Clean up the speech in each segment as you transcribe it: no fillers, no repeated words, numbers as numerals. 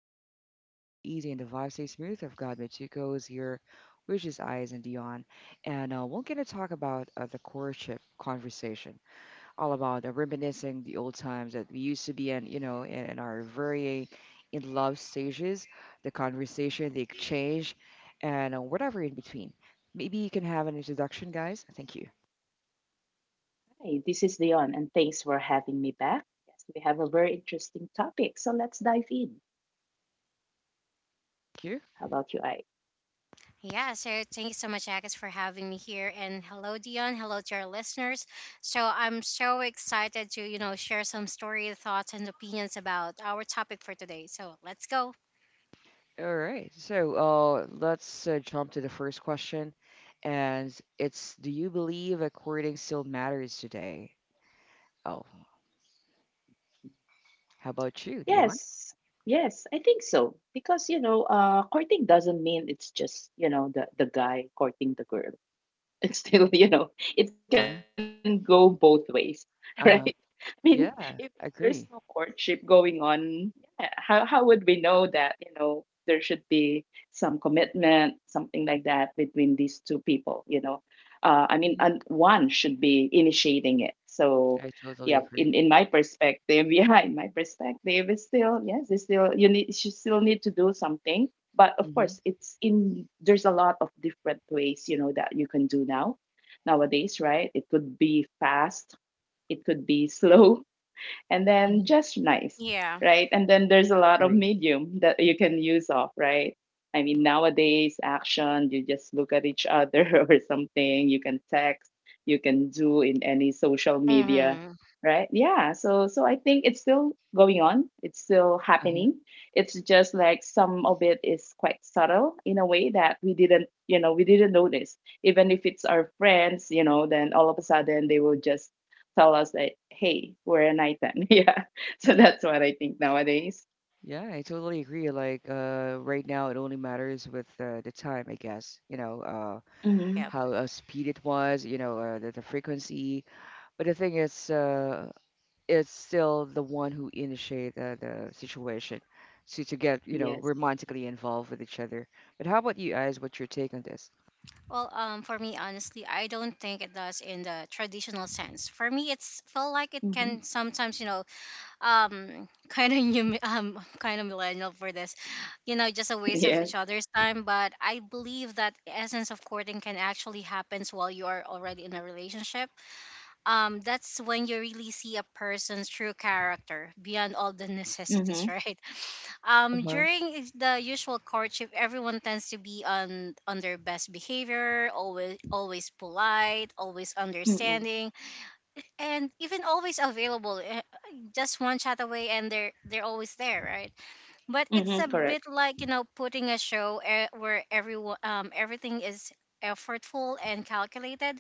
conversation flow easy and the vibe stays smooth. I've got Mitsuko is here, which is Eyes and Dion, and we're gonna talk about the courtship conversation, all about reminiscing the old times that we used to be in, you know, in our very in love stages, the conversation, the exchange, and whatever in between. Maybe you can have an introduction, guys. Thank Hi, this is Leon, and thanks for having me back. Yes, we have a very interesting topic, so let's dive in. you. How about you, I? Yeah, so thank you so much, Agus, for having me here. And hello, Dion. Hello to our listeners. So I'm so excited to, share some story, thoughts, and opinions about our topic for today. So let's go. All right. So let's jump to the first question. And it's, do you believe a courting still matters today? Oh, how about you, Dion? Yes, yes, I think so. Because courting doesn't mean it's just the guy courting the girl. It's still it can Uh go both ways. Right, I huh. mean, if Yeah, there's no I agree. courtship going on, yeah, how would we know that, there should be some commitment, something like that, between these two people? I mean, Mhm. and one should be initiating it, so I totally yeah. In agree. My perspective, yeah, in my perspective, it's still, yes, it's still, you still need to do something. But of Mm-hmm. course, it's in there's a lot of different ways, that you can do nowadays, right? It could be fast, it could be slow, and then Mm-hmm. just nice, Yeah. right? And then there's a lot of Agree. medium that you can use of, right? I mean, nowadays, action, you just look at each other, or something. You can text, you can do in any social media, Mm-hmm. right? Yeah, so I think it's still going on, it's still Uh-huh. happening. It's just like some of it is quite subtle in a way that we didn't notice. Even if it's our friends, then all of a sudden they will just tell us that, hey, we're an item. Yeah, so Hmm. that's what I think nowadays. Yeah, I totally agree. Like, right now it only matters with the time, I guess. You know, uh, Mm-hmm. Yep. how speed it was. The frequency. But the thing is still the one who initiate the situation to get, Yes. romantically involved with each other. But how about you guys? What's your take on this? Well, for me, honestly, I don't think it does in the traditional sense. For me, it's felt like it Mm-hmm. can sometimes, kind of new kind of millennial for this, just a waste of Yes. each other's time. But I believe that the essence of courting can actually happens while you are already in a relationship. That's when you really see a person's true character beyond all the necessities. Mm-hmm. Right. Uh-huh. During the usual courtship, everyone tends to be on their best behavior, always, always polite, always Mm-hmm. understanding, and even always available, just one chat away and they're always there, right? But it's Mm-hmm. a Correct. bit like, putting a show, where everyone, everything is effortful and calculated.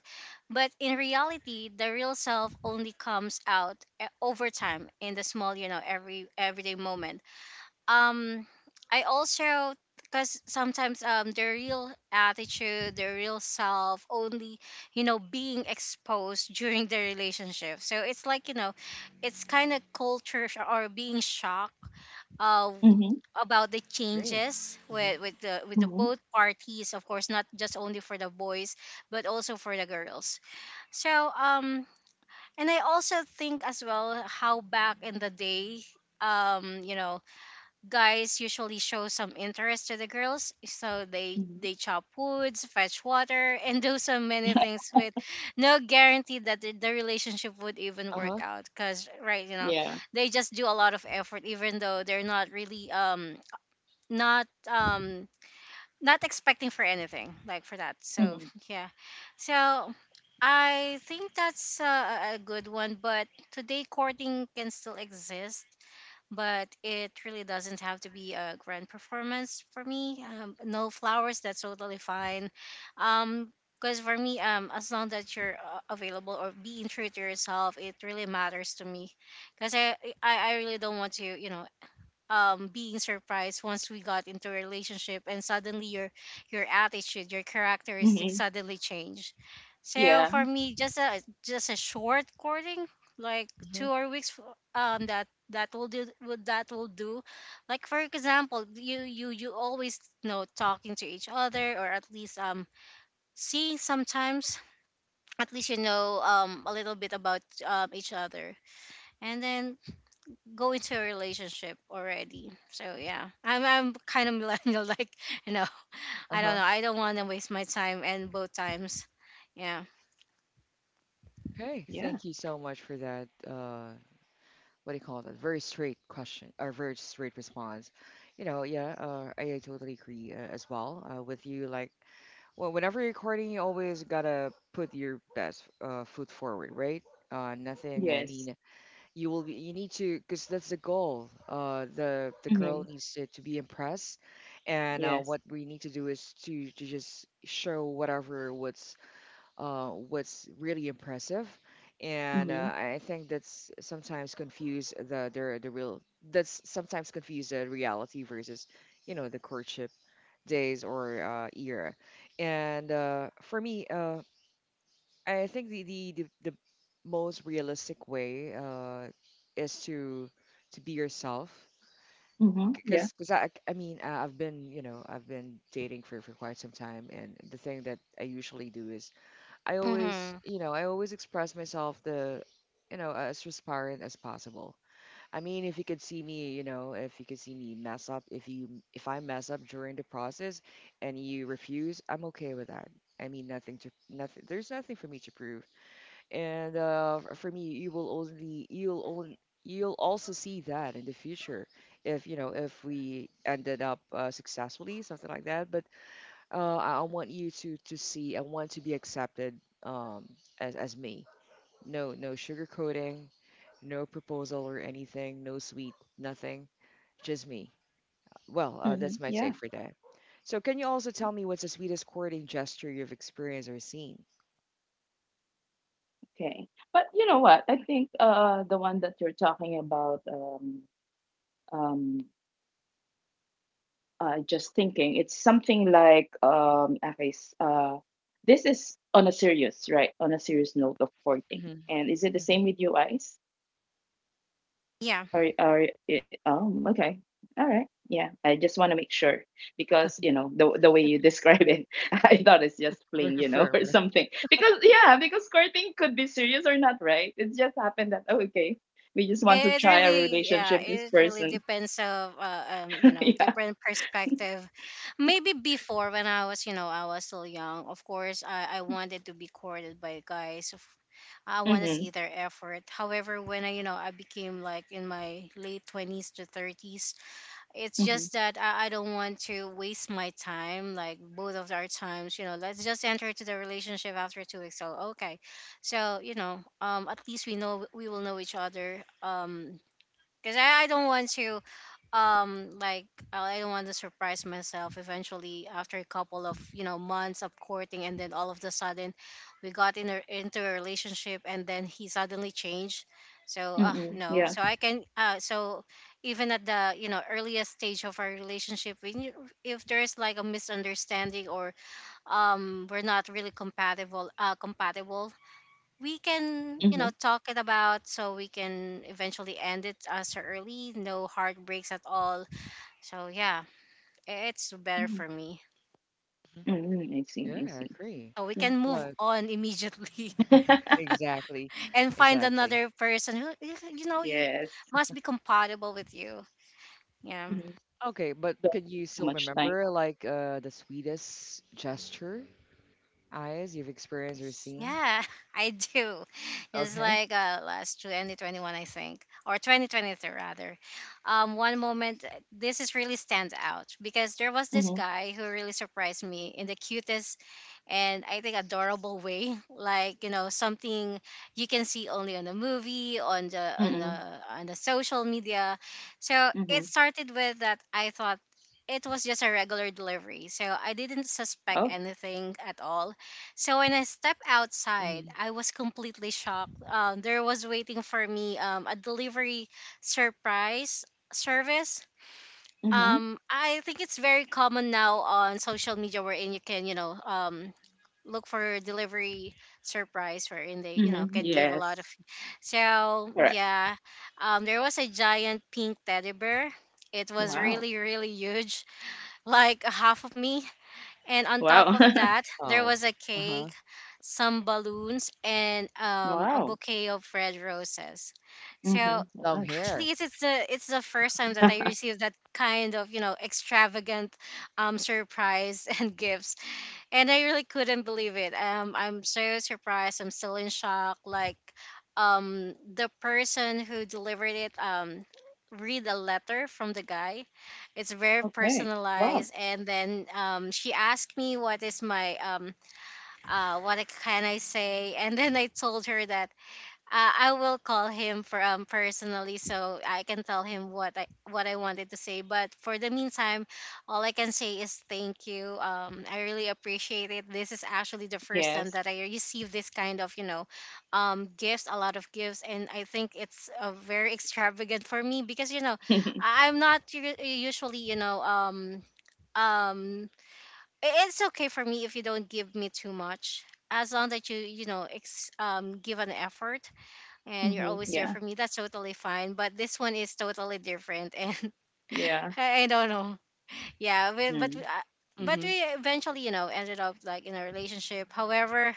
But in reality, the real self only comes out, over time, in the small, every everyday moment. um I also, because sometimes, the real attitude, the real self only, being exposed during the relationship. So it's like, it's kind of or being shocked, uh, Mm-hmm. about the Great. changes Hmm. with with the Mm-hmm. both parties, of course, not just only for the boys, but also for the girls. So and I also think as well how back in the day, um you know guys usually show some interest to the girls, so Mm-hmm. they chop woods, fetch water and do so many things with no guarantee that the relationship would even Uh-huh. work out, because, right, you know, Yeah. they just do a lot of effort even though they're not really, not um not expecting for anything like for that. So Mm-hmm. yeah, so I think that's a good one. But today courting can still exist, but it really doesn't have to be a grand performance for me. No flowers, that's totally fine. Um, because for me, as long that you're available or being true to yourself, it really matters to me. Because I really don't want to, being surprised once we got into a relationship and suddenly your attitude, your characteristics Mm-hmm. suddenly change. So Yeah. for me, just a, short courting, like two Mhm. or weeks. That, that will do would that will do. Like for example, you always know talking to each other, or at least, see sometimes, at least, a little bit about, each other, and then go into a relationship already. So yeah, I'm kind of millennial. Like, you know, I don't Uh-huh. know. I don't want to waste my time and both times. Yeah. Okay, Yeah. thank you so much for that. What do you call that? Very straight question or very straight response. Yeah, I totally agree as well with you. Like, well, whenever you're recording, you always gotta put your best foot forward, right? Nothing. I Yes. mean, you need to because that's the goal the girl Mm-hmm. needs to be impressed, and Yes. what we need to do is to just show whatever what's really impressive. And uh, Mm-hmm. i I think that's sometimes confuse the real, that's sometimes confuse the reality versus the courtship days or era. And for me, I think the most realistic way is to be yourself. Mm-hmm. Because Yeah. because I mean, I've been dating for quite some time, and the thing that I usually do is I always Hmm. you know I always express myself the you know as transparent as possible. I mean, if you could see me, if you could see me mess up, if I mess up during the process and you refuse, I'm okay with that. I mean, nothing to nothing. There's nothing for me to prove, and for me you will only you'll also see that in the future if if we ended up successfully something like that. But I want you to see, I want to be accepted, um, as me. No no sugarcoating, no proposal or anything, no sweet, nothing. Just me. Well, Mm-hmm. that's my Yeah. take for that. So can you also tell me, what's the sweetest courting gesture you've experienced or seen? Okay, but you know what, I think, the one that you're talking about, um just thinking. It's something like, okay, this is on a serious, right? On a serious note of courting. Mm-hmm. And is it the same with you guys? Yeah. Or oh, okay, all right, yeah. I just want to make sure, because the way you describe it, I thought it's just very fling, firm, or right. something. Because yeah, because courting could be serious or not, right? It just happened that, oh, okay, we just want to It try a really, yeah, relationship with this it really person. depends of you know, Yeah. different perspective. Maybe before, when I was, I was still young. Of course, I wanted to be courted by guys. Of, I want to see Mm-hmm. their effort. However, when I became like in my late 20s to 30s. It's Mm-hmm. just that I don't want to waste my time, like both of our times. You know, let's just enter into the relationship after two weeks. So okay, so, at least we know, we will know each other. Because I don't want to, um like I don't want to surprise myself eventually after a couple of, months of courting, and then all of the sudden we got in a, into a relationship, and then he suddenly changed. So Mm-hmm. no Yeah. so I can so even at the, earliest stage of our relationship, when you, if there's like a misunderstanding or, we're not really compatible, we can, Mm-hmm. Talk it about, so we can eventually end it as early, no heartbreaks at all. So yeah, it's better Mm-hmm. for me. I see, Yeah, I I see. agree. So we Yeah. can move Like on immediately exactly, and find exactly. another person who you Yes. must be compatible with you. Yeah. Mhm. Okay, but Don't can you waste too still much time. remember like the sweetest gesture, Eyes, you've experienced or seen? Yeah, I do. Just Okay. like last 2021, I think, or 2023 rather. One moment, this is really stands out because there was this Mhm. guy who really surprised me in the cutest, and I think adorable way. Like, you know, something you can see only on the movie, on the on the Mm-mm. on the social media. So it Mhm. started with that. I thought it was just a regular delivery, so I didn't suspect Oh. anything at all. So when I stepped outside, Mm-hmm. I was completely shocked. There was waiting for me, a delivery surprise service. Mhm. I think it's very common now on social media, wherein you can, you know, look for delivery surprise, wherein they, you know, Mhm. can give a lot of. Yes. So Correct. yeah, there was a giant pink teddy bear. It was Wow. really, really huge, like half of me. And on top Wow. of that, there Oh. was a Uh-huh. cake, some balloons, and, a Wow. bouquet of red roses. Mhm. So Long Right. hair. actually, it's the first time that I received that kind of, you know, extravagant, surprise and gifts, and I really couldn't believe it. I'm so surprised. I'm still in shock. Like, the person who delivered it, read a letter from the guy. It's very Okay. Wow. personalized, and then, she asked me what is my, can I say, and then I told her that, I will call him for personally, so I can tell him what I wanted to say. But for the meantime, all I can say is thank you. I really appreciate it. This is actually the first time Yes. that I received this kind of, you know, gifts, a lot of gifts, and I think it's very extravagant for me, because, you know, I'm not usually, um it's okay for me if you don't give me too much, as long that you know, give an effort, and you're Mm-hmm. always there Yeah. for me. That's totally fine. But this one is totally different, and Yeah. I don't know. Yeah, Mm. But Mm-hmm. we eventually, you know, ended up like in a relationship. However,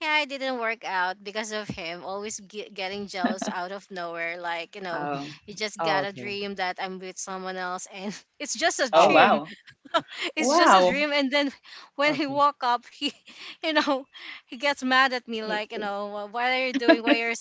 yeah, it didn't work out because of him always getting jealous out of nowhere. Like, you know, Uh-huh. Oh. you just Oh, got a okay. dream that I'm with someone else, and it's just a Oh, Oh, dream. wow. It's just a Wow. dream. And then when he okay. woke up, he, you know, he gets mad at Y- me like, you know, "Wh- what are you doing? Why are you,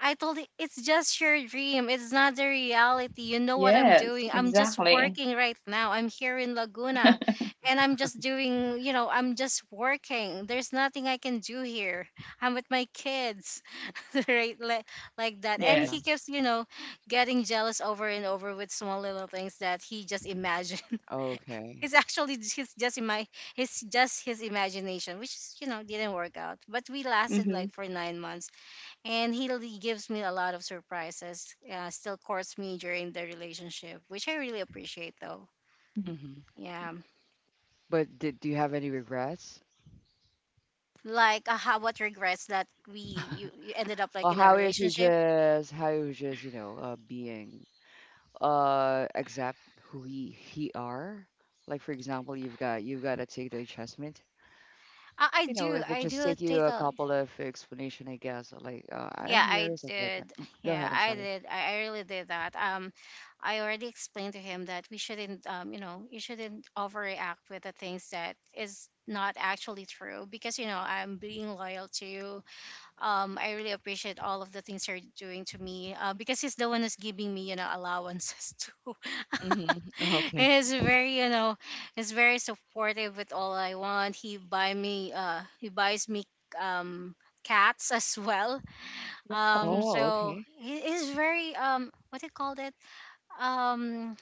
I told it, it's just your dream. It's not the reality. You know what I'm Yes, doing. I'm just exactly. working right now. I'm here in Laguna and I'm just doing, you know, I'm just working. There's nothing I can do here. I'm with my kids," right? Like that. And Uh-huh. he Yes. keeps, you know, getting jealous over and over with small little things that he just imagined. Okay. It's actually his just in my his just his imagination, which is, you know, didn't work out. But we lasted like Mm-hmm. for nine months, and he really gives me a lot of surprises. Still courts me during the relationship, which I really appreciate though. Mm-hmm. Yeah, But did do you have any regrets? like, how what regrets that we you, you ended up like Or in a how if you relationship. just how you just, being accept who he are. Like for example, you've got to take the adjustment. It will I just do take you take a a, couple of explanation, I guess. Like, I'm yeah, here, I something like that. did, Mm, go yeah, ahead, I'm I sorry. did, I really did that. I already explained to him that we shouldn't, you know, you shouldn't overreact with the things that is not actually true, because, you know, I'm being loyal to you. I really appreciate all of the things you're doing to me, because he's the one who's giving me, you know, allowances too. Mm-hmm. Okay. He's very, you know, he's very supportive with all I want. He buy me, he buys me, um, cats as well. Oh. Oh, So okay. he is very, what do you call it? Um,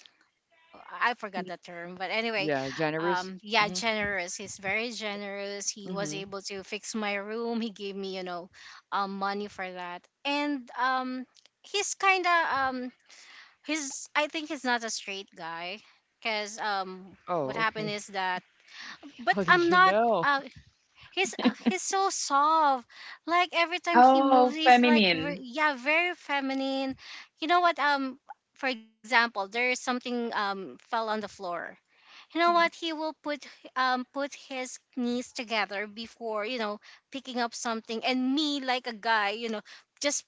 I forgot the term, but anyway, Yeah, generous. Yeah, Mm-hmm. generous. He's very generous. He was Mm-hmm. able to fix my room. He gave me, you know, money for that. And, he's kind of, he's, I think he's not a straight guy, cause, what Oh, happened okay. is that. But how did I'm you not. know? Uh, he's so soft. Like every time he Oh, moves, he's like, feminine. yeah, very feminine. You know what? For example, there is something fell on the floor. You know what he will put his knees together before, you know, picking up something. And me, like a guy, you know, just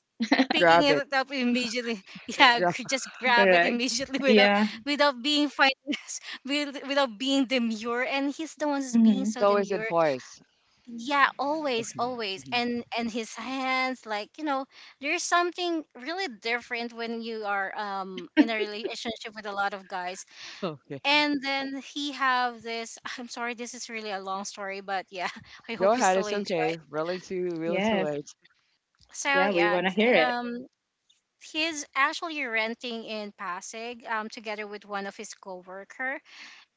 picking Grab it. it up immediately. Yeah, Grab. Yes, just grab it correct. immediately, without Yeah. without being fine, without being demure. And he's the one who's being Mm-hmm. It's so always in demure. voice. Yeah, always Okay. always Mm-hmm. and his hands, like, you know, there's something really different when you are in a relationship with a lot of guys. Okay. And then he have this. I'm sorry, this is really a long story, but yeah, I Go hope you ahead, still it's enjoy. okay, willing to Yes. wait. So Yeah, we yeah, want to hear it. He's actually renting in Pasig, together with one of his coworker.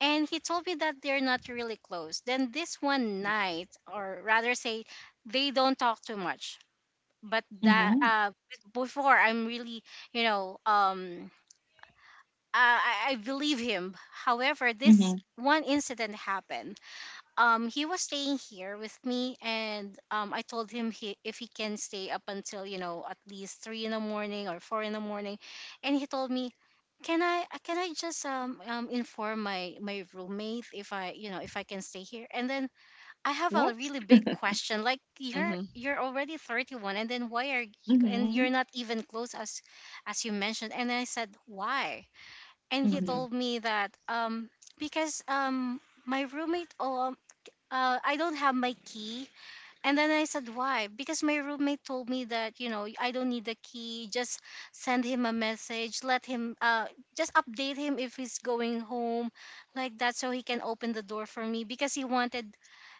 And he told me that they're not really close. Then this one night, or rather say, they don't talk too much, but that Mm-hmm. Before I'm really, you know, I believe him. However, this Mm-hmm. one incident happened. He was staying here with me, and I told him, if he can stay up until, you know, at least 3 in the morning or 4 in the morning. And he told me, can I just inform my roommate if I you know if I can stay here. And then I have a What? really big question, like, you're Mm-hmm. you're already 31 and then why are you, and Mm-hmm. you're not even close as you mentioned. And I said, why? And he Mm-hmm. Mm-hmm. told me that because my roommate, I don't have my key. And then I said, why? Because my roommate told me that, you know, I don't need the key. Just send him a message. Let him, just update him if he's going home, like that, so he can open the door for me. Because he wanted,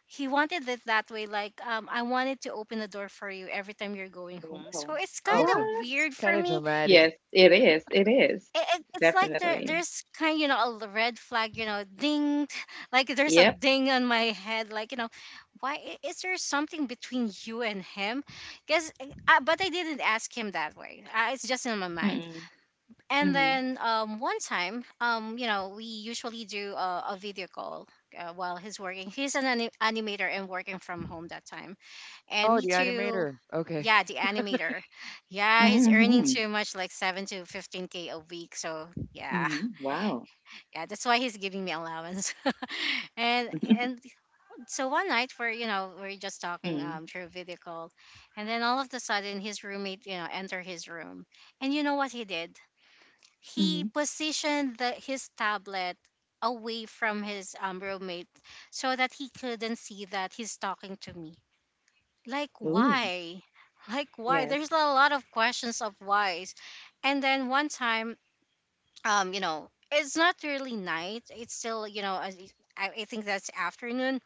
he wanted it that way. Like, I wanted to open the door for you every time you're going home. So Wow. it's kind Okay, of What? weird kind for of me. Yes, dramatic. it is. It is. It's like there, Definitely. there's kind, you know, a red flag, you know, ding. Like there's a Yep. ding on my head. Like, you know, why is there something between you and him? Because, but I didn't ask him that way. It's just in my mind. Mm-mm. And Mm-hmm. then one time, we usually do a video call, while he's working. He's an animator and working from home that time, and Oh, me the too. animator. Okay. Yeah, the animator. Yeah, he's earning Mm-hmm. too much, like 7 to 15K a week. So yeah, Mm-hmm. Wow. yeah, that's why he's giving me allowance. and and so one night, we're, we're just talking Mm-hmm. Through video call. And then all of a sudden, his roommate, you know, enter his room. And you know what he did, he Mm-hmm. positioned his tablet away from his roommate, so that he couldn't see that he's talking to me. Like, Ooh. why? Like, why? Yes. There's a lot of questions of whys. And then one time, you know, it's not really night, it's still, you know, I think that's afternoon.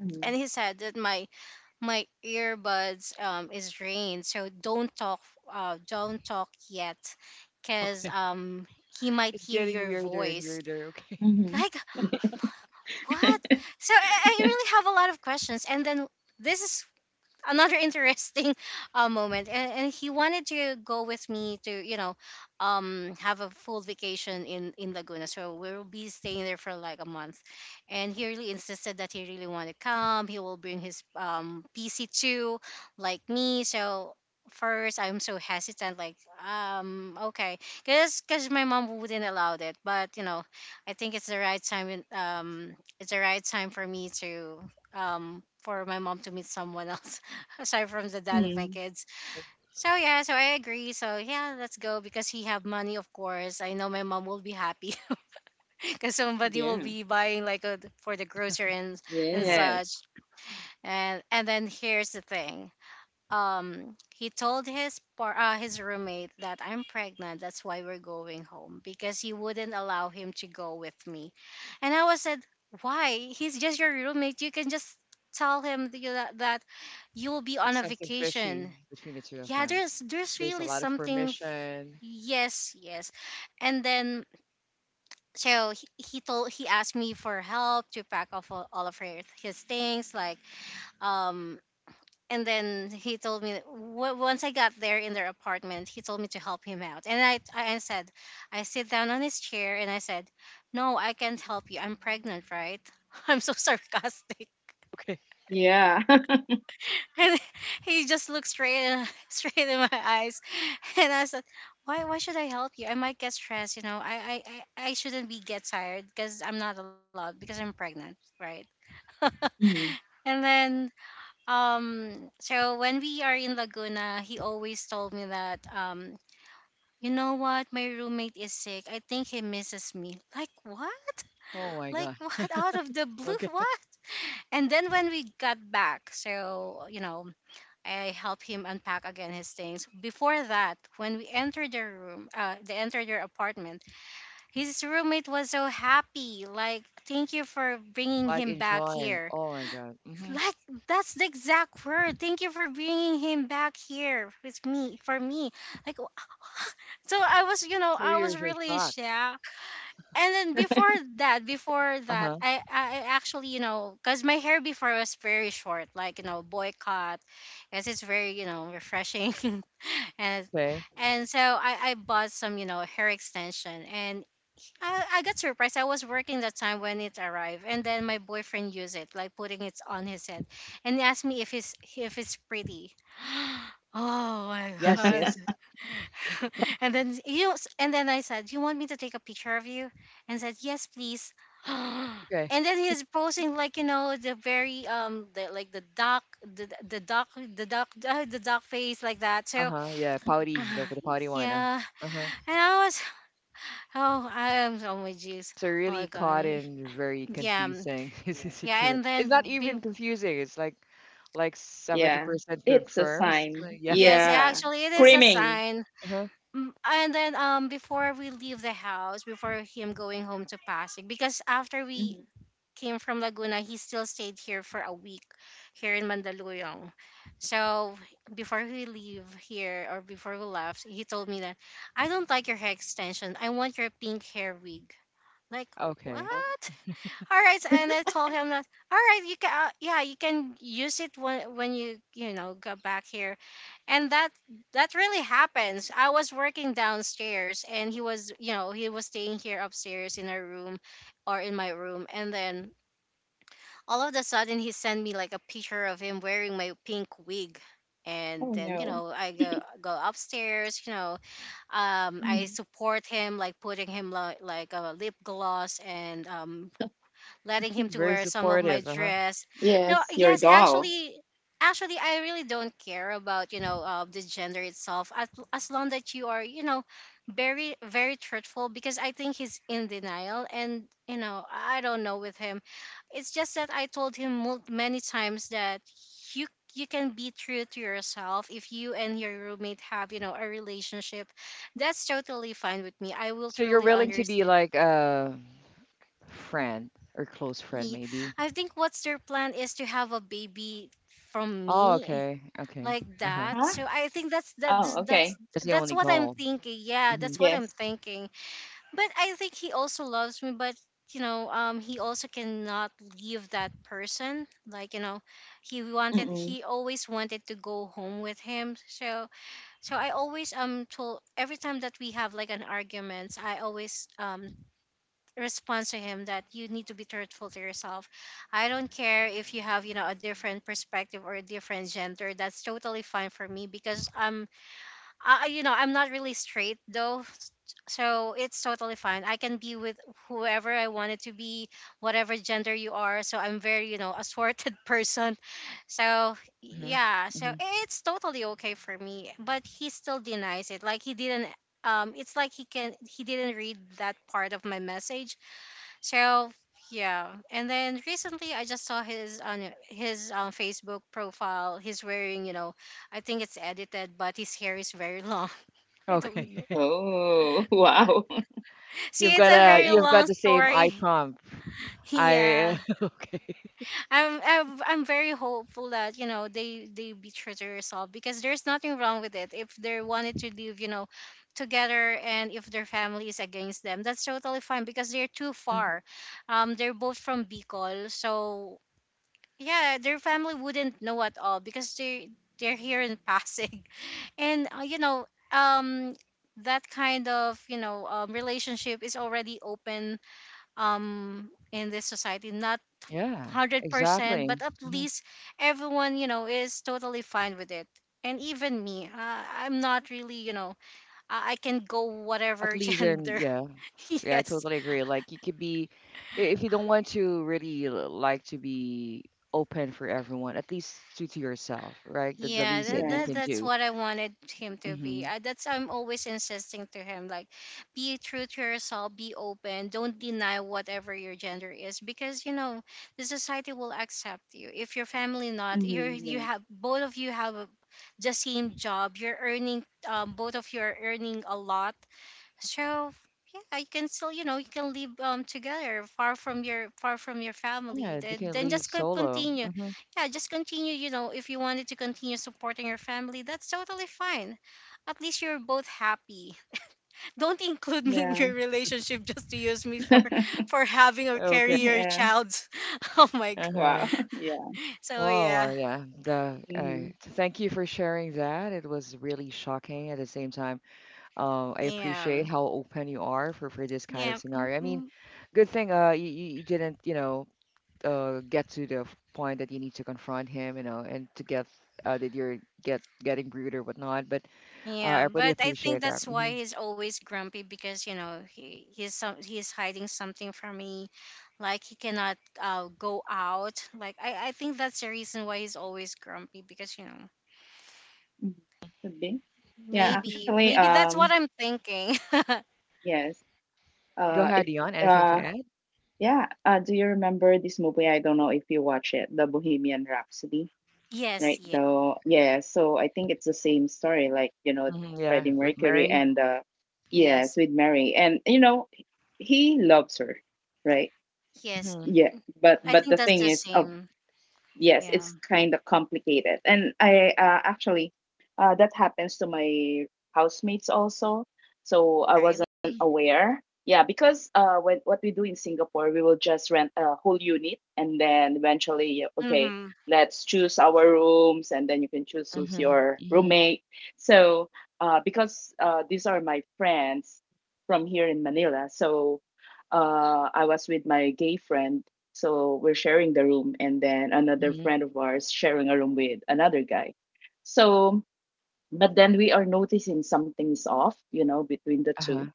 Mm-hmm. And he said that my earbuds is drained, so don't talk yet, because Okay. He might It's hear getting your weirder and voice. weirder. Okay. Mm-hmm. Like, what? So I really have a lot of questions. And then this is another interesting moment. And he wanted to go with me to, you know, have a full vacation in Laguna, so we'll be staying there for like a month. And he really insisted that he really wanted to come. He will bring his PC too, like me. So first, I'm so hesitant, like, okay, because my mom wouldn't allow it, but you know, I think it's the right time, it's the right time for me to, for my mom to meet someone else aside from the dad of my mm kids. So yeah, so I agree. So yeah, let's go, because he have money, of course. I know my mom will be happy because somebody will Yeah. be buying, like, for the grocery and Uh-huh. Yes. such. And then here's the thing. He told his his roommate that I'm pregnant. That's why we're going home, because he wouldn't allow him to go with me. And I was said, why? He's just your roommate. You can just tell him that that you will be Like on a something fishy vacation. between the two of Yeah, them. there's There's a really lot of something permission. yes, yes. And then, so he told he asked me for help to pack off all of his things, like, um and then he told me that once I got there in their apartment, he told me to help him out. And I said, I sit down on his chair and I said, no, I can't help you, I'm pregnant, right? I'm so sarcastic. Okay. Yeah. And he just looked straight in my eyes. And I said, "Why? Why should I help you? I might get stressed. You know, I shouldn't be get tired because I'm not allowed because I'm pregnant, right?" mm And then so when we are in Laguna, he always told me that, you know what, my roommate is sick, I think he misses me. Like, what? Oh my Like, God. what? Out of the blue, Okay. what? And then when we got back, so, you know, I help him unpack again his things. Before that, when we entered their room, they entered their apartment. His roommate was so happy, like, "Thank you for bringing Like him back enjoy. here." Oh my God. Mm-hmm. Like, that's the exact word. Thank you for bringing him back here, with me, for me. Like, so, I was, So I you're was so really shocked. shocked. And then before that, Uh-huh. I actually, you know, because my hair before was very short, like, you know, boy cut. Because it's very, you know, refreshing. and Okay. and so I bought some, you know, hair extension. And. I got surprised. I was working that time when it arrived, and then my boyfriend used it, like putting it on his head, and he asked me if it's pretty. Oh my Yes, god! sis. And then, you know, and then I said, "You want me to take a picture of you?" And said, "Yes, please." And Okay. then he's posing, like, you know, the very like the duck the duck face, like that. So Uh-huh. Yeah. Pouty. The pouty one. Yeah. Uh-huh. And I was oh, I am on my juice. So Oh really my caught god, in very yeah, mm, confusing Yeah. yeah. situation. And It's then not be even confusing. It's like Yeah, 70% it's a confirms. Like, sign. yeah. yes, Yeah, actually, it is a screaming. sign. Uh-huh. And then before we leave the house, before him going home to Pasig, because after we Hmm. came from Laguna, he still stayed here for a week, here in Mandaluyong. So before we leave here, or before we left, he told me that, I don't like your hair extension. I want your pink hair wig. Like, what? Okay. Oh. All right, and I told him that, all right, you can, yeah, you can use it when you you know go back here. And that really happens. I was working downstairs, and he was staying here upstairs in our room, or in my room. And then all of a sudden, he sent me like a picture of him wearing my pink wig. And Oh then, no. I go upstairs, Hmm. I support him, like putting him, like, a lip gloss, and letting him to Very wear some of my supportive. Uh-huh. dress. No, Yes, your yes, doll. actually, I really don't care about, the gender itself, as long that you are, very, very truthful, because I think he's in denial, and, you know, I don't know with him. It's just that I told him many times that you you can be true to yourself, if you and your roommate have, you know, a relationship, that's totally fine with me. I will So you're truly willing to be understand. like a friend or close friend, Yeah, maybe. I think what's their plan is to have a baby from Oh, me, okay. Okay. like Uh-huh. that. Huh? So I think that's Oh, that's okay. that's That's the that's only what I'm goal. thinking. Yeah, Mm-hmm. that's what I'm Yes. thinking. But I think he also loves me, but, he also cannot leave that person. Like, he wanted Mm-mm. he always wanted to go home with him. so I always, told every time that we have like an argument, I always, response to him that you need to be truthful to yourself. I don't care if you have, a different perspective or a different gender. That's totally fine for me because I'm not really straight though. So it's totally fine. I can be with whoever I wanted to be, whatever gender you are. So I'm very, assorted person. So Mm-hmm. yeah, so Hmm. it's totally okay for me. But he still denies it. Like he didn't it's like he didn't read that part of my message, so yeah, and then recently I just saw his on his Facebook profile. He's wearing, I think it's edited, but his hair is very long. Okay. Oh, wow. You've See, it's got a a very you've Yeah. got long the same eye story. prompt. yeah, I, okay. I'm very hopeful that they be true to herself because there's nothing wrong with it. If they wanted to live, together, and if their family is against them, that's totally fine because they're too Mm-hmm. far. They're both from Bicol, so yeah, their family wouldn't know at all because they're here in Pasig, and um, that kind of relationship is already open in this society, not Yeah, 100%, exactly. but at Hmm. least everyone is totally fine with it. And even me, I'm not really, I can go At whatever least in, gender. yeah. Yeah, I Yes. totally agree. Like you could be, if you don't want to really like to be open for everyone, at least to yourself, right? That's the Yeah, least that that, you that Yes. can that's do. what I wanted him to be. Hmm. That's I'm always insisting to him like be true to yourself, be open, don't deny whatever your gender is because the society will accept you. If your family not, Mm-hmm. you Yeah. have both of you have a, the same job, you're earning both of you are earning a lot, so yeah, you can still you can live together far from your family. Yeah, they can Then leave just solo. continue, Hmm. yeah, just continue. If you wanted to continue supporting your family, that's totally fine. At least you're both happy. Don't include me in Yeah. your relationship just to use me for for having or Okay. carrying your Yeah. child. Oh my god. Wow. Uh-huh. Yeah. So Well, yeah, yeah. The uh, t- Mm-hmm. thank you for sharing that. It was really shocking. At the same time, I appreciate yeah, how open you are for this kind of yeah. Mm, scenario. I mean, mm. good thing you didn't get to the point that you need to confront him, and to get that you're getting rude or whatnot. But I Yeah, really but I think appreciate that. that's why Hmm. he's always grumpy because he's hiding something from me, like he cannot go out. Like I think that's the reason why he's always grumpy because Hmm. Could be. Yeah, maybe actually, maybe that's what I'm thinking. yes. Go ahead, If Dion. Anything to uh, add? yeah. Do you remember this movie? I don't know if you watch it, The Bohemian Rhapsody. Yes, Right yes, though. Yeah, so I think it's the same story, like, Hmm. Yeah, Freddie with Mercury Mary. and yes, yes, with Mary. And he loves her, right? yes. Hmm. Yeah. But I think the that's thing the is, oh same. yes, Yeah, it's kind of complicated. And I, actually, that happens to my housemates also. So I wasn't really. aware. Yeah, because what we do in Singapore, we will just rent a whole unit, and then eventually, yeah, okay, Mhm. let's choose our rooms, and then you can choose who's Hmm. your Hmm. roommate. So, because these are my friends from here in Manila, so I was with my gay friend, so we're sharing the room, and then another Hmm. friend of ours sharing a room with another guy. So, but then we are noticing something's off, between the Uh-huh. two.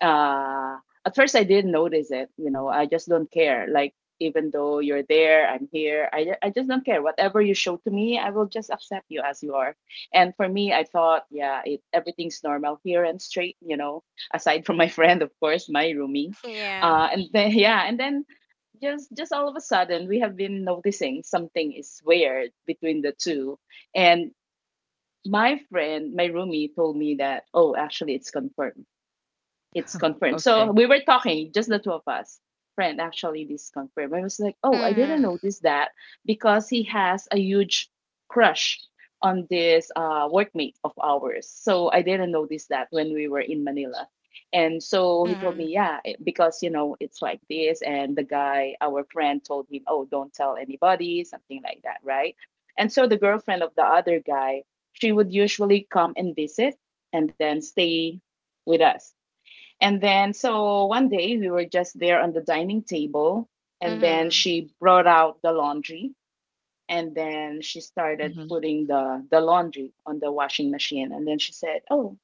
uh, at first I didn't notice it. You know, I just don't care. Like, even though you're there, I'm here. I just don't care. Whatever you show to me, I will just accept you as you are. And for me, I thought, yeah, it everything's normal here and straight. Aside from my friend, of course, my roomie. Yeah. And then yeah, and then just all of a sudden we have been noticing something is weird between the two, and my roomie told me that, oh, actually it's confirmed, it's confirmed. So Okay. we were talking, just the two of us. Friend actually this confirmed. I was like, oh, I didn't Mhm. notice that, because he has a huge crush on this, workmate of ours. So I didn't notice that when we were in Manila. And so he told Mhm. me, yeah, because it's like this. And the guy, our friend, told him, oh, don't tell anybody, something like that, right? And so the girlfriend of the other guy, she would usually come and visit, and then stay with us. And then, so one day we were just there on the dining table, and then Mhm. she brought out the laundry, and then she started Hmm. putting the laundry on the washing machine, and then she said, "Oh,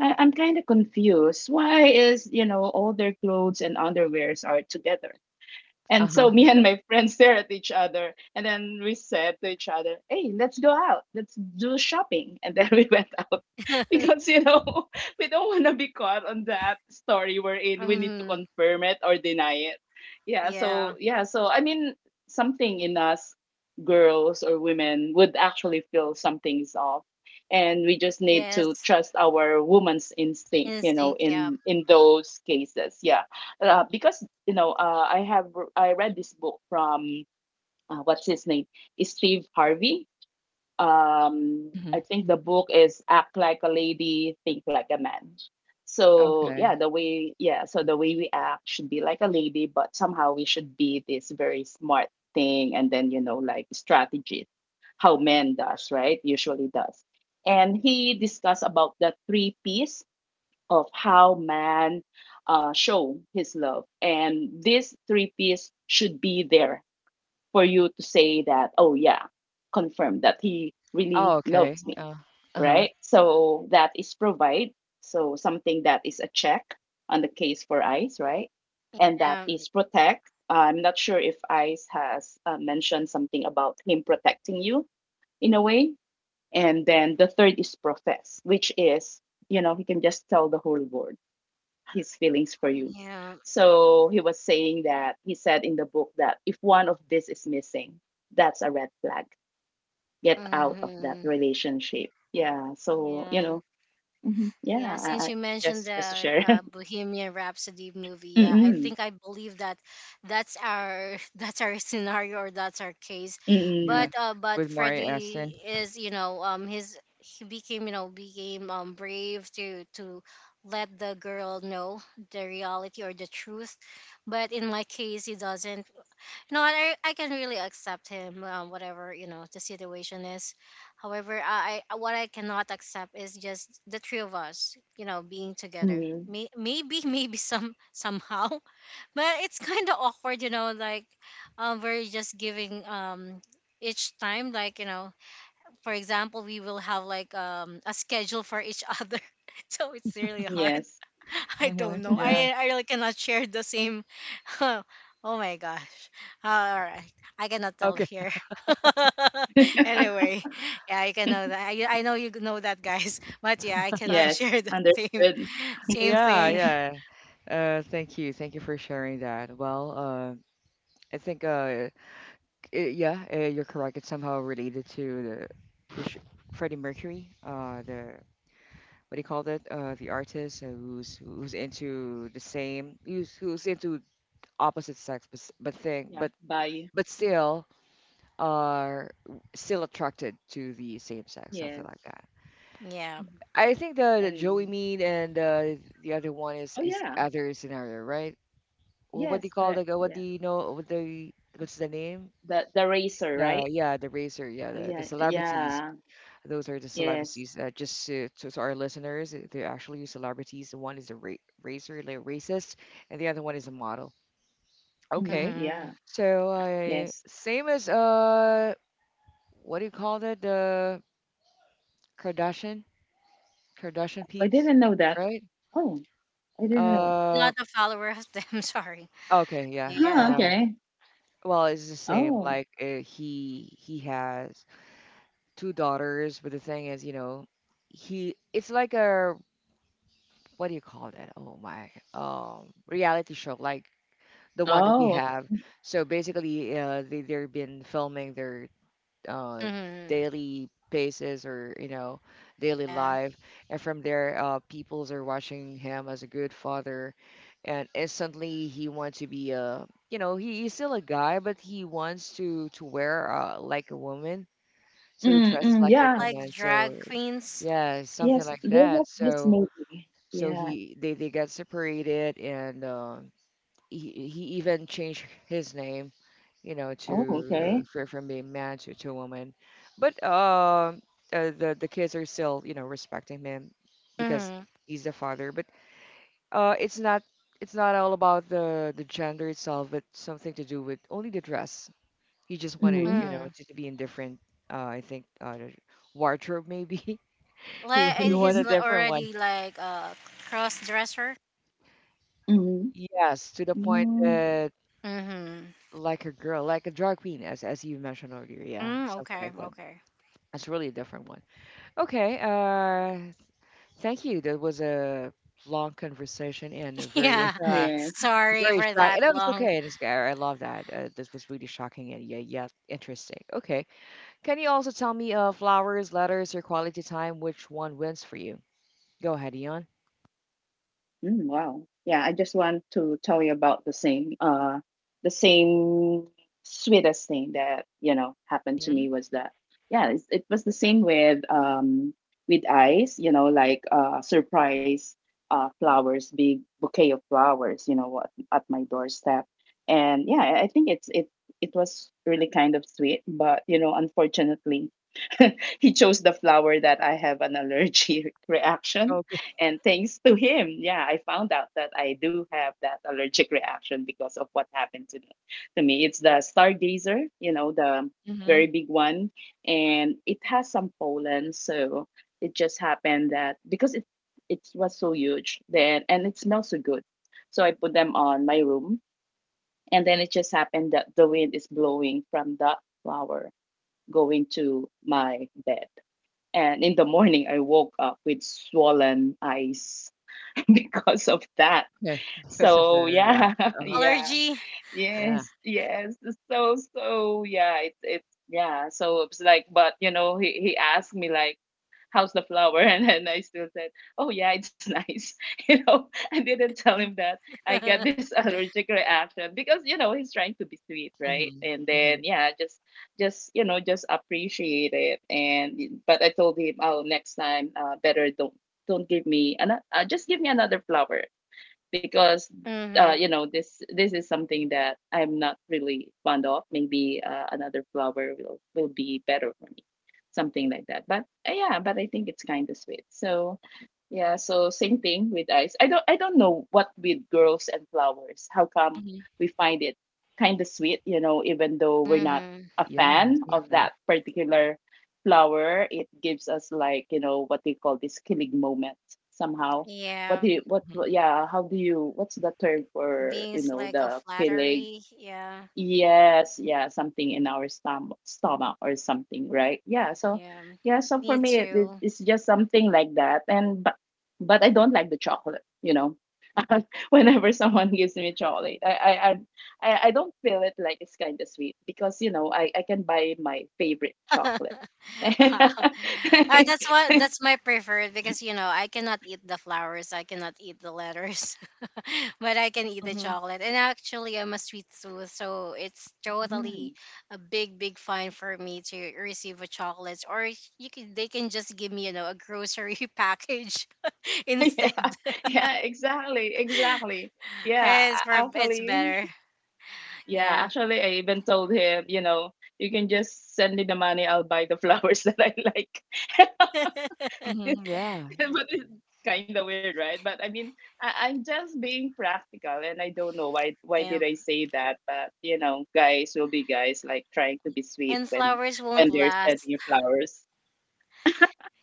I'm kind of confused. Why is all their clothes and underwears are together?" And Uh-huh. so me and my friends stare at each other, and then we said to each other, "Hey, let's go out. Let's do shopping." And then we went out because we don't want to be caught on that story we're in. We need to Mhm. confirm it or deny it. Yeah. So Yeah. yeah. So I mean, something in us, girls or women, would actually feel something's off, and we just need to Yes. trust our woman's instinct. You know, Instinct. Yeah. In those cases. Yeah, because I read this book from, what's his name, is Steve Harvey. Hmm. I think the book is Act Like a Lady, Think Like a Man. So yeah, Okay. The way we act should be like a lady, but somehow we should be this very smart thing, and then like strategist, how men does, right, usually does. And he discussed about the three P's of how man, show his love. And these three P's should be there for you to say that, oh yeah, confirm that he really Oh, okay. loves me, Uh-huh. right? So that is provide. So something that is a check on the case for ICE, right? And that Um. is protect. I'm not sure if ICE has, mentioned something about him protecting you in a way. And then the third is profess, which is, he can just tell the whole world his feelings for you. Yeah. So he was saying that he said in the book that if one of this is missing, that's a red flag. Get out of that Mm-hmm. relationship. Yeah. So, you Yeah. know, mhm, Yeah. yeah. I, Since I you mentioned just to the share. Bohemian Rhapsody movie, yeah, I Mm-mm, think I believe that that's our that's our scenario or that's our case. Yeah. mm-mm, But With Mari Aston. Freddie is his he became became brave to let the girl know the reality or the truth, but in my case he doesn't. No, I can really accept him, whatever the situation is. However, what I cannot accept is just the three of us, being together. mm-mm. Maybe maybe somehow, but it's kind of awkward, you know. Like, we're just giving each time, like for example, we will have like a schedule for each other. So it's really hard. Yes. I don't Mm-hmm. know. Yeah. I really cannot share the same. Oh my gosh. All right. I cannot tell Okay. here. Anyway, yeah, I can know that. I know you know that, guys. But yeah, I cannot Yes. share the same Understood. same Yeah, thing. yeah. Thank you. Thank you for sharing that. Well, I think, yeah, you're correct. It's somehow related to the, which, Freddie Mercury, the, what do you call that? The artist, who's into the same, who's into opposite sex, but s- but thing, Yeah. but Bye. but Mhm. still are still attracted to the same sex, something Yes. like that. Yeah. Mhm. I think the Joey And Mead, and the other one is oh is yeah. other scenario, right? Well, what do you Yes. call Correct. the what do Yeah. you know? What's the name? The razor, right? The yeah, the racer, yeah, the Yeah. celebrities. Yeah. Those are the Yes. celebrities. Just to our listeners, they're actually celebrities. The one is a racer, like racist, and the other one is a model. Mhm. Okay, Yeah. Hmm. so Yes. same as what do you call that? The Kardashian, Kardashian Oh, I peeps, didn't know that. right? Oh, I didn't know. Uh, Not a follower of them. Sorry. okay, yeah. Yeah. Huh, okay. Well, it's the same. Oh. Like he has two daughters, but the thing is, he it's like a, what do you call that? Oh my, reality show, like the one that we Oh. have. So basically, they've been filming their uh, Hmm. daily basis or daily Yeah. life, and from there, peoples are watching him as a good father, and instantly he wants to be a, he's still a guy, but he wants to wear like a woman, so he dresses Mm-mm, like a yeah. woman. Like drag So queens. yeah, something Yes, like there was that. this So. movie. So Yeah. he they got separated, and he even changed his name, Oh, to okay. from being man to woman. But the kids are still respecting him because he's the father. But uh, it's not it's not all about the gender itself, but something to do with only the dress. He just wanted Mm-hmm. Hmm. to be in different. I think, the wardrobe maybe he, Like he wanted Mm-hmm. A different one. already like a cross dresser. Mm-hmm. Yes, to the point Mm-hmm. that Mm-hmm. like a girl, like a drag queen, as you mentioned earlier. Yeah, Mm, something okay, like that. okay. That's really a different one. Okay. Thank you. That was a long conversation and a very, Yeah. Yes. Sorry very for shocking. that No, it's long okay. It's okay. I love that. This was really shocking and yeah, yeah, interesting. Okay. Can you also tell me, flowers, letters, or quality time, which one wins for you? Go ahead, Ian. Mm, wow. Yeah, I just want to tell you about the same sweetest thing that, happened to me Mhm. was that yeah, it was the same with ice, like surprise, flowers, big bouquet of flowers, at my doorstep. And yeah, I think it was really kind of sweet, but unfortunately, he chose the flower that I have an allergy reaction, Okay. and thanks to him, yeah, I found out that I do have that allergic reaction because of what happened to me. It's the stargazer, the Hmm. very big one, and it has some pollen. So it just happened that because it was so huge then, and it smells so good, so I put them on my room, and then it just happened that the wind is blowing from that flower going to my bed. And in the morning, I woke up with swollen eyes because of that. Okay. Because of the So yeah, reaction. Uh huh. yeah, allergy. Yeah. yes, yes. So yeah, it's yeah. So it's like, but he asked me like, how's the flower, and then I still said, oh yeah, it's nice. You know, I didn't tell him that I get this allergic reaction because you know he's trying to be sweet, right? Hmm. And Hmm. then yeah, just you know just appreciate it. And but I told him, oh, next time, better don't give me another just give me another flower because Mm-hmm. you know this is something that I'm not really fond of. Maybe another flower will be better for me, something like that. But yeah, but I think it's kind of sweet. So yeah, so same thing with ice. I don't know what with girls and flowers. How come Hmm. we find it kind of sweet? You know, even though we're not Mm-hmm. a Yeah. fan of that Exactly. particular flower, it gives us like you know what they call this killing moment somehow what do Yeah. you what yeah how do you what's the term for Being you know like a the kilig flattery. Yeah. yes yeah something in our stomach or something right yeah so Yeah. yeah so for Me me it too. it's just something like that and but I don't like the chocolate you know. Whenever someone gives me chocolate I I don't feel it like it's kind of sweet because you know I can buy my favorite chocolate. Wow. That's what that's my preferred because I cannot eat the flowers, I cannot eat the letters, but I can eat the Mhm, chocolate. And actually, I'm a sweet tooth, so it's Mm. totally a big, big fine for me to receive a chocolate. Or you can they can just give me a grocery package instead. Yeah, yeah, exactly, exactly. Yeah, It's for it's actually, better. yeah, Yeah. actually, I even told him, you know, you can just send me the money, I'll buy the flowers that I like. mhm, yeah. But it's kind of weird, right? But I mean, I'm just being practical, and I don't know why. Why did I Yeah. say that? But you know, guys will be guys, like trying to be sweet And flowers won't when they're sending last. you flowers.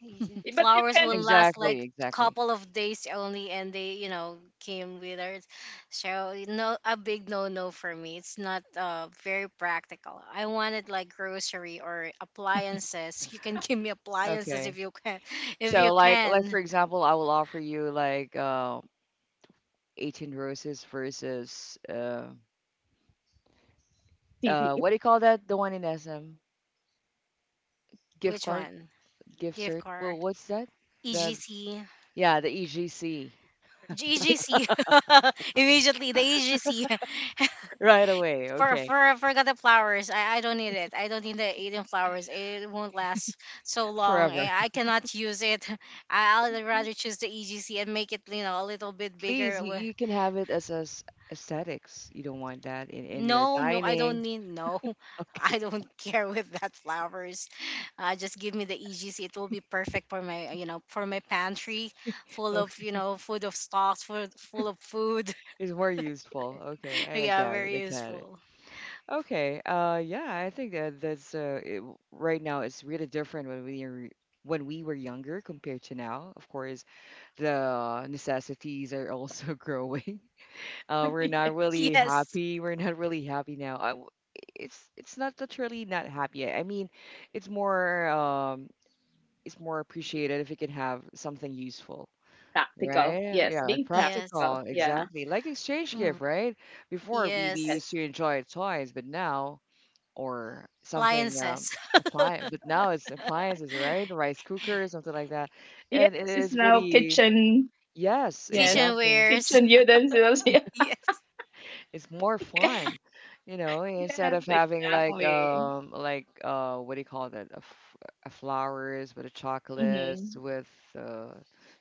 Y- But you flowers can will last like Exactly, exactly. couple of days only, and they came withered, so no, a big no no for me. It's not very practical. I wanted like grocery or appliances. You can give me appliances if Okay. you can. If you So like can. for example, I will offer you like 18 roses versus actually what do you call that? The one in SM? Gift Which card, one? gift Gift cert. Well, card. what's that? The EGC. G- yeah, the EGC. EGC. Immediately the EGC. Right away. Okay. Forgot the flowers. I don't need it. I don't need the eating flowers. It won't last so long. Forever. And I cannot use it. I'd rather choose the EGC and make it a little bit bigger. Please, you, Wi- you can have it as aesthetics. You don't want that in your no, no, I don't dining. need. No. Okay. I don't care with that flowers. Just give me the EGC. It will be perfect for my for my pantry, full of Okay. Food of stocks, full of food. It's more useful. Okay. I Yeah, got it. very I got it. useful. Okay. Yeah, I think that that's right now it's really different when we are when we were younger compared to now. Of course, the necessities are also growing. We're not TV. really Yes, happy. We're not really happy now. I w it's not literally not happy. I mean, it's more um, it's more appreciated if you can have something useful. Practical. Right? Yes, Yeah, and being yes. practical, practical. Yeah. exactly. Like exchange Mm. gift, right? Before we Yes. used Yes. to enjoy toys, but now or something Appliances. apply but now it's appliances, right? Rice cooker, something like that. Yes, And it it's is now really, kitchen. yes, Yes. exactly. Kitchenwares. Kitchen utensils. Yes. It's more Yeah. fun, instead Yes, of having, like, exactly. Like, what do you call that, a flowers with a Mm-hmm. chocolates with uh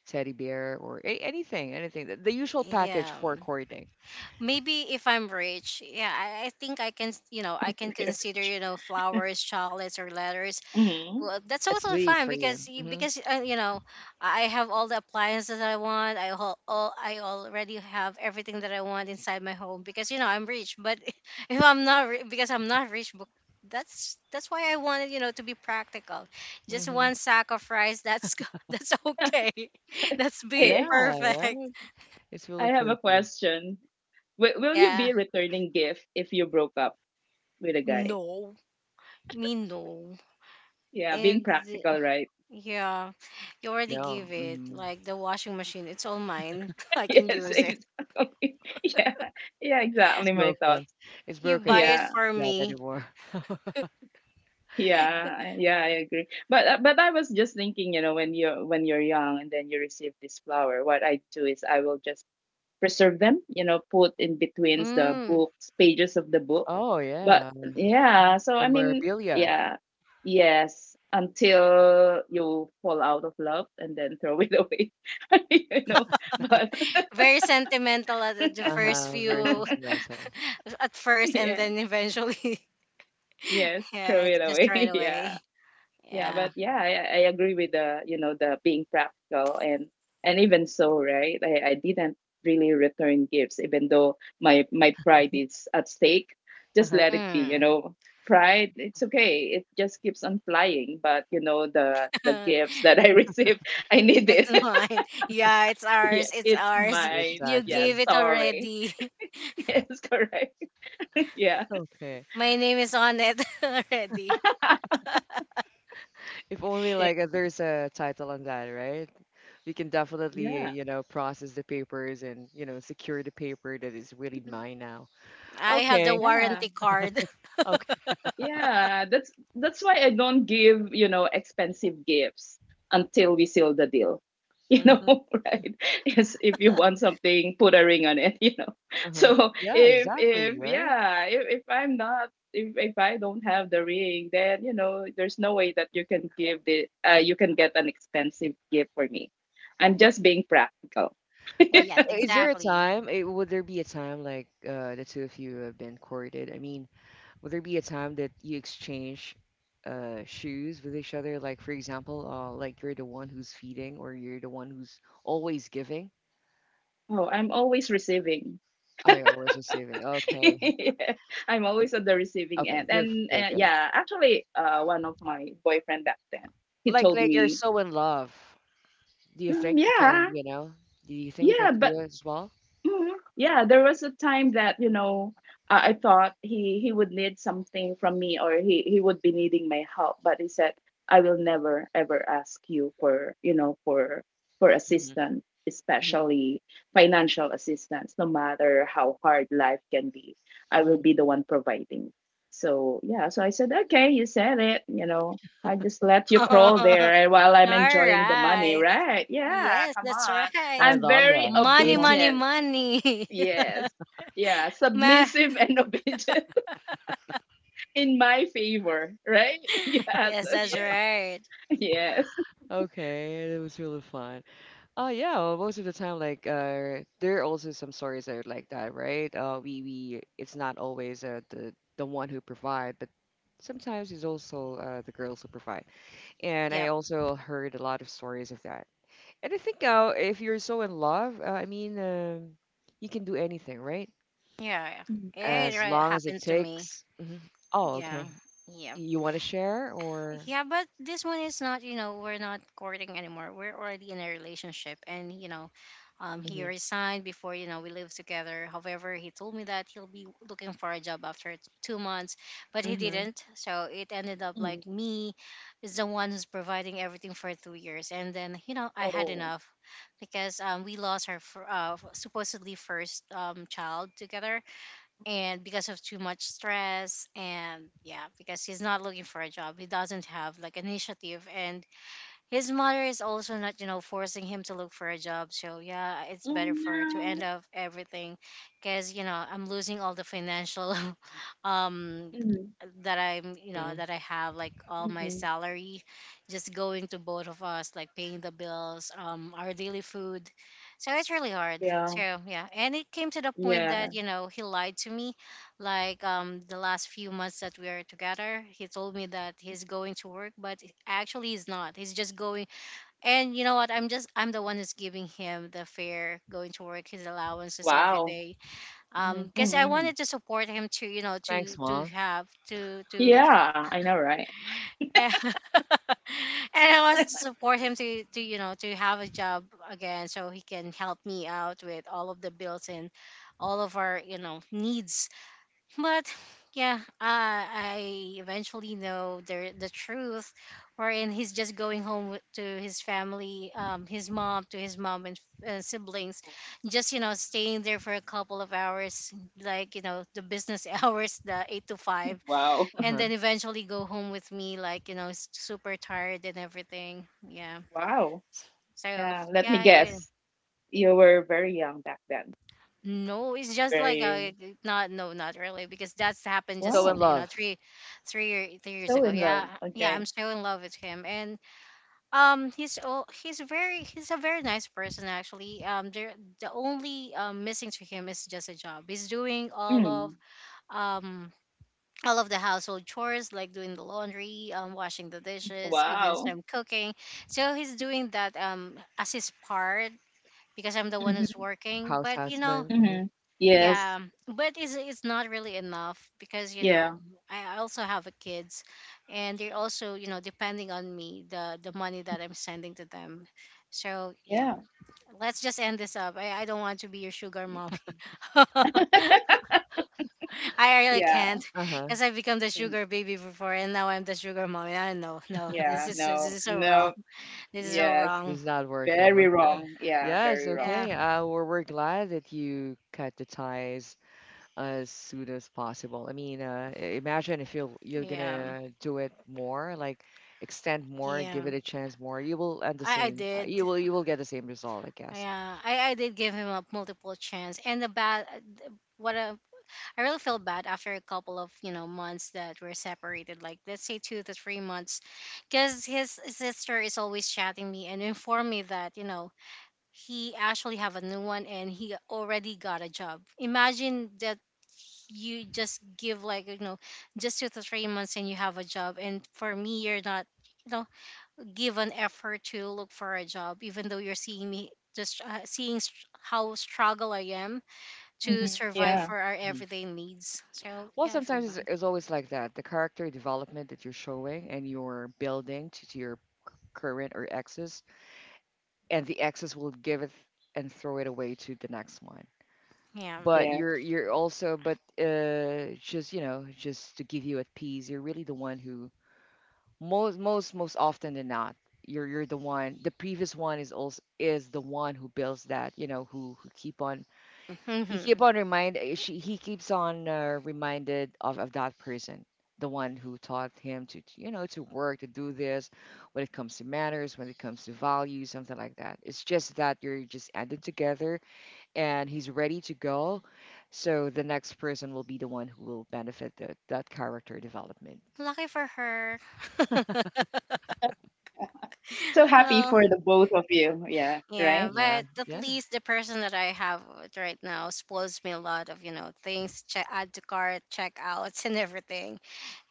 teddy bear, or anything, the usual package Yeah. for courting. maybe if I'm rich, yeah, I think I can, I can consider, you know, flowers, chocolates, or letters. Mm-hmm. Well, that's It's totally sweet fine for you. because Hmm. because I have all the appliances that I want. I all I already have everything that I want inside my home because I'm rich. But if I'm not because I'm not rich, but that's why I wanted to be practical. Just Hmm, one sack of rice. That's g- that's okay. That's be Hey, hey, yeah, perfect. right. It's I really have a perfect. question. Will you Yeah. be returning gift if you broke up with a guy? No, me no. Yeah, being And practical, right? yeah, you already No. give it Hmm. like the washing machine. It's all mine. I can Yes, use it. exactly. Yeah, yeah, It's exactly my broken. thoughts. It's You broken. You buy can't it Yeah, for do that me. anymore. Yeah, yeah, I agree. But I was just thinking, you know, when you're young and then you receive this flower, what I do is I will just preserve them, you know, put in between the Mm. books pages of the book. Oh But yeah, yeah, so I mean, memorabilia. yeah, yes, until you fall out of love and then throw it away, you know. But Very sentimental at the first Uh-huh, very few, sentimental. at first, and yeah, then eventually, yes, throw yeah, it's it just away. right away. Yeah. Yeah, Yeah. but yeah, I agree with the you know the being practical and even so, right? I didn't really return gifts, even though my pride is at stake. Just let it be, you Mm. know. Pride, it's okay. It just keeps on flying. But you know the gifts that I received, I need it. It's mine. Yeah, it's Yes, ours. It's it's ours. mine. You gave Exactly. Yes, it sorry. already. Yes, correct. Yeah. Okay. My name is on it already. If only, Yeah. like, there's a title on that, right? You can definitely, Yeah. you know, process the papers and, you know, secure the paper that is really Mhm. mine now. I have the Okay. Yeah. warranty card. Okay. Yeah, that's why I don't give, you know, expensive gifts until we seal the deal. You know, Mm-hmm. right? Yes, if you want something, put a ring on it, you know. Uh-huh. So Yeah, if exactly, right? yeah, if I'm not if I don't have the ring, then you know, there's no way that you can give the you can get an expensive gift for me. I'm just being practical. But Yes, is there a exactly. time, eh, would there be a time, like the two of you have been courted? I mean, will there be a time that you exchange shoes with each other? Like, for example, like you're the one who's feeding or you're the one who's always giving? Oh, I'm always receiving. Oh, you're always receiving. Okay. Yeah, I'm W- always at the receiving okay, end. good, And good, good. yeah, actually, one of my boyfriend back then, he told Like you're me, so in love. Do you "Mm, think you can, yeah, you know, do you think you can yeah, but do it as well? Mhm. Yeah, there was a time that you know I thought he would need something from me or he would be needing my help, but he said I will never ever ask you for you know for Hmm. assistance, Hmm. especially financial assistance, no matter how hard life can be. I will Hmm. be the one providing. So yeah, so I said okay, you said it. You know, I just let you crawl All there while I'm enjoying the money, right. right? Yeah, Yes, come that's on. right. I I'm love very that. Money, Uh-huh. money, obedient. money. Yes. Yeah, Ma- submissive and obedient in my favor, right? Yeah, yes, so that's yes, right. yes. Okay, that was really fun. Oh yeah, well, most of the time, like there are also some stories that are like that, right? We it's not always the one who provide, but sometimes it's also the girls who provide. And I Yep. also heard a lot of stories of that. And I think if you're so in love, I mean, you can do anything, right? Yeah. Mhm, Yeah. It As really long as it happened to me. takes. Hmm. Oh, Yeah. okay. Yeah. You want to share or? Yeah, but this one is not, you know, we're not courting anymore. We're already in a relationship. And, you know, he Hmm. resigned before, you know, we lived together. However, he told me that he'll be looking for a job after 2 months, but he Hmm. didn't. So it ended up mhm. like me is the one who's providing everything for 2 years. And then, you know, I had Oh, enough because we lost our supposedly first child together, and because of too much stress. And yeah, because he's not looking for a job, he doesn't have like initiative, and his mother is also not forcing him to look for a job, so yeah, it's oh better for her to end no. up everything because I'm losing all the financial um Mhm, that I'm Hmm. that I have like all my mhm. salary just going to both of us, like paying the bills, our daily food, so it's really hard. Yeah, So yeah, and it came to the point yeah. that he lied to me like the last few months that we are together, he told me that he's going to work, but actually he's not, he's just going. And you know what, I'm the one who's giving him the fare going to work, his allowances every Wow. day, Hmm. because I Mhm. wanted to support him to you know Thanks, mom. To Yeah, I know, right? and I wanted to support him to to have a job again so he can help me out with all of the bills and all of our needs, but yeah, I eventually know the truth, wherein he's just going home to his family, his mom to his mom and siblings, just staying there for a couple of hours, like the business hours, the 8 to 5, Wow, and Uh-huh. then eventually go home with me, like s- super tired and everything. Yeah. wow. So Yeah, let me yeah, it will. guess. You were very young back then. No, it's just like Very, not no, not really because that's happened So just in wow. Love. three, three year- 3 years So ago. in Yeah, love. yeah, I'm Okay. so in love with him, and he's very he's a very nice person actually. The only missing to him is just a job. He's doing Mm. um all of the household chores like doing the laundry, washing the dishes, even Wow. some cooking. So he's doing that as his part because I'm the one who's Mm-hmm. working, House but husband. Mm-hmm. Yes. yeah, but it's not really enough because Yeah. I also have a kids, and they're also depending on me the money that I'm sending to them. So yeah, Yeah. let's just end this up. I don't want to be your sugar mommy. I really Yeah. can't Uh-huh. because I become the Mm. sugar baby before, and now I'm the sugar mommy. I know, no, this Yeah. is this No. is so wrong. No. This is so Yes. wrong. It's not working. Very Okay. wrong. Yeah. Yes, Very wrong. Yeah, okay. We're glad that you cut the ties as soon as possible. I mean, imagine if you're yeah, gonna do it more, like extend more, yeah. give it a chance more. You will end the I same. You did. will you will get the same result, I guess. Yeah, I did give him a multiple chance, and the bad, what a, I really feel bad after a couple of months that we're separated, like let's say 2 to 3 months, because his sister is always chatting me and inform me that he actually have a new one and he already got a job. Imagine that you just give like just 2 to 3 months and you have a job, and for me you're not. You know, give an effort to look for a job, even though you're seeing me just how struggle I am to Hmm. survive Yeah. for our Mhm. everyday needs. So Well, yeah, I feel sometimes bad. It's always like that. The character development that you're showing and you're building to your current or exes, and the exes will give it and throw it away to the next one. Yeah. But Yeah. you're also, but just, you know, just to give you a tease, you're really the one who, most most most often than not, you're the one, the previous one is also is the one who builds that, you know, who keep on, he keep Hmm. on remind, eh, she he keeps on reminded of that person, the one who taught him you know, to work, to do this, when it comes to manners, when it comes to values, something like that. It's just that you're just added together, and he's ready to go. So the next person will be the one who will benefit the, that character development. Lucky for her. So happy Well, for the both of you. Yeah. yeah, Right. Yeah, but at yeah. least the person that I have with right now spoils me a lot of, you know, things, check add to cart, checkouts and everything.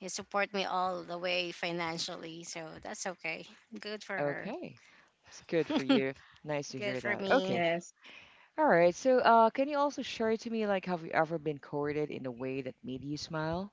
They support me all the way financially, so that's okay. Good for her. Okay. It's good for you. Nice to Good hear for that. me. Okay. Yes. All right. So, can you also share to me, like, have you ever been courted in a way that made you smile?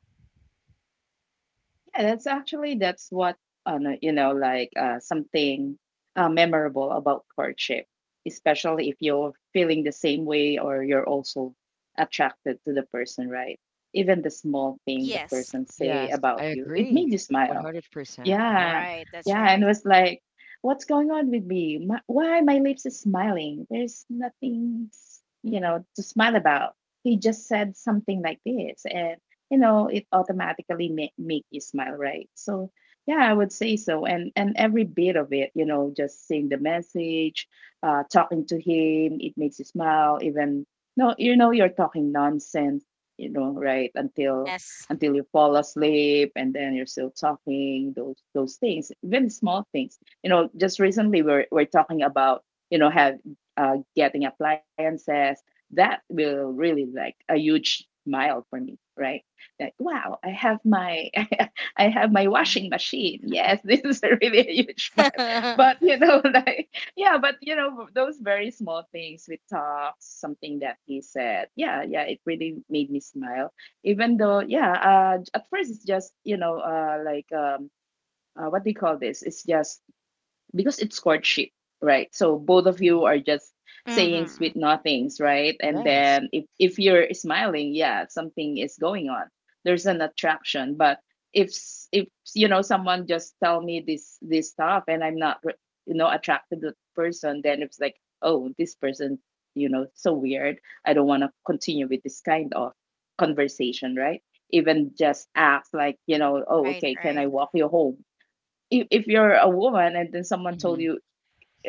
Yeah. That's actually that's what no, you know like something memorable about courtship, especially if you're feeling the same way or you're also attracted to the person, right? Even the small thing the Yes. person say Yes, I about you, it agree. made you smile. 100%. Uh-huh. Yeah, Right, that's yeah, and right. was like, "What's going on with me? My, why my lips is smiling? There's nothing, you know, to smile about." He just said something like this, and you know, it automatically make you smile, right? So, yeah, I would say so, and every bit of it, you know, just seeing the message, talking to him, it makes you smile. Even no, you know, you're talking nonsense, you know, right? Yes. Until you fall asleep and then you're still talking those things even small things you know just recently we're talking about you know have getting appliances that will really like a huge smile for me right like wow I have my I have my Mhm. washing machine yes this is a really a huge smile Mm-hmm. but you know like yeah but you know those very small things we talked something that he said yeah yeah it really made me smile even though yeah at first it's just you know like what do you call this it's just because it's courtship, right? So both of you are just saying sweet nothings, right? And Yes. then if you're smiling, yeah, something is going on. There's an attraction, but if you know someone just tell me this this stuff and I'm not you know attracted to the person, then it's like oh this person you know so weird. I don't want to continue with this kind of conversation, right? Even just ask like you know Right, oh okay right. can I walk you home? If you're a woman and then someone told Mm-hmm. you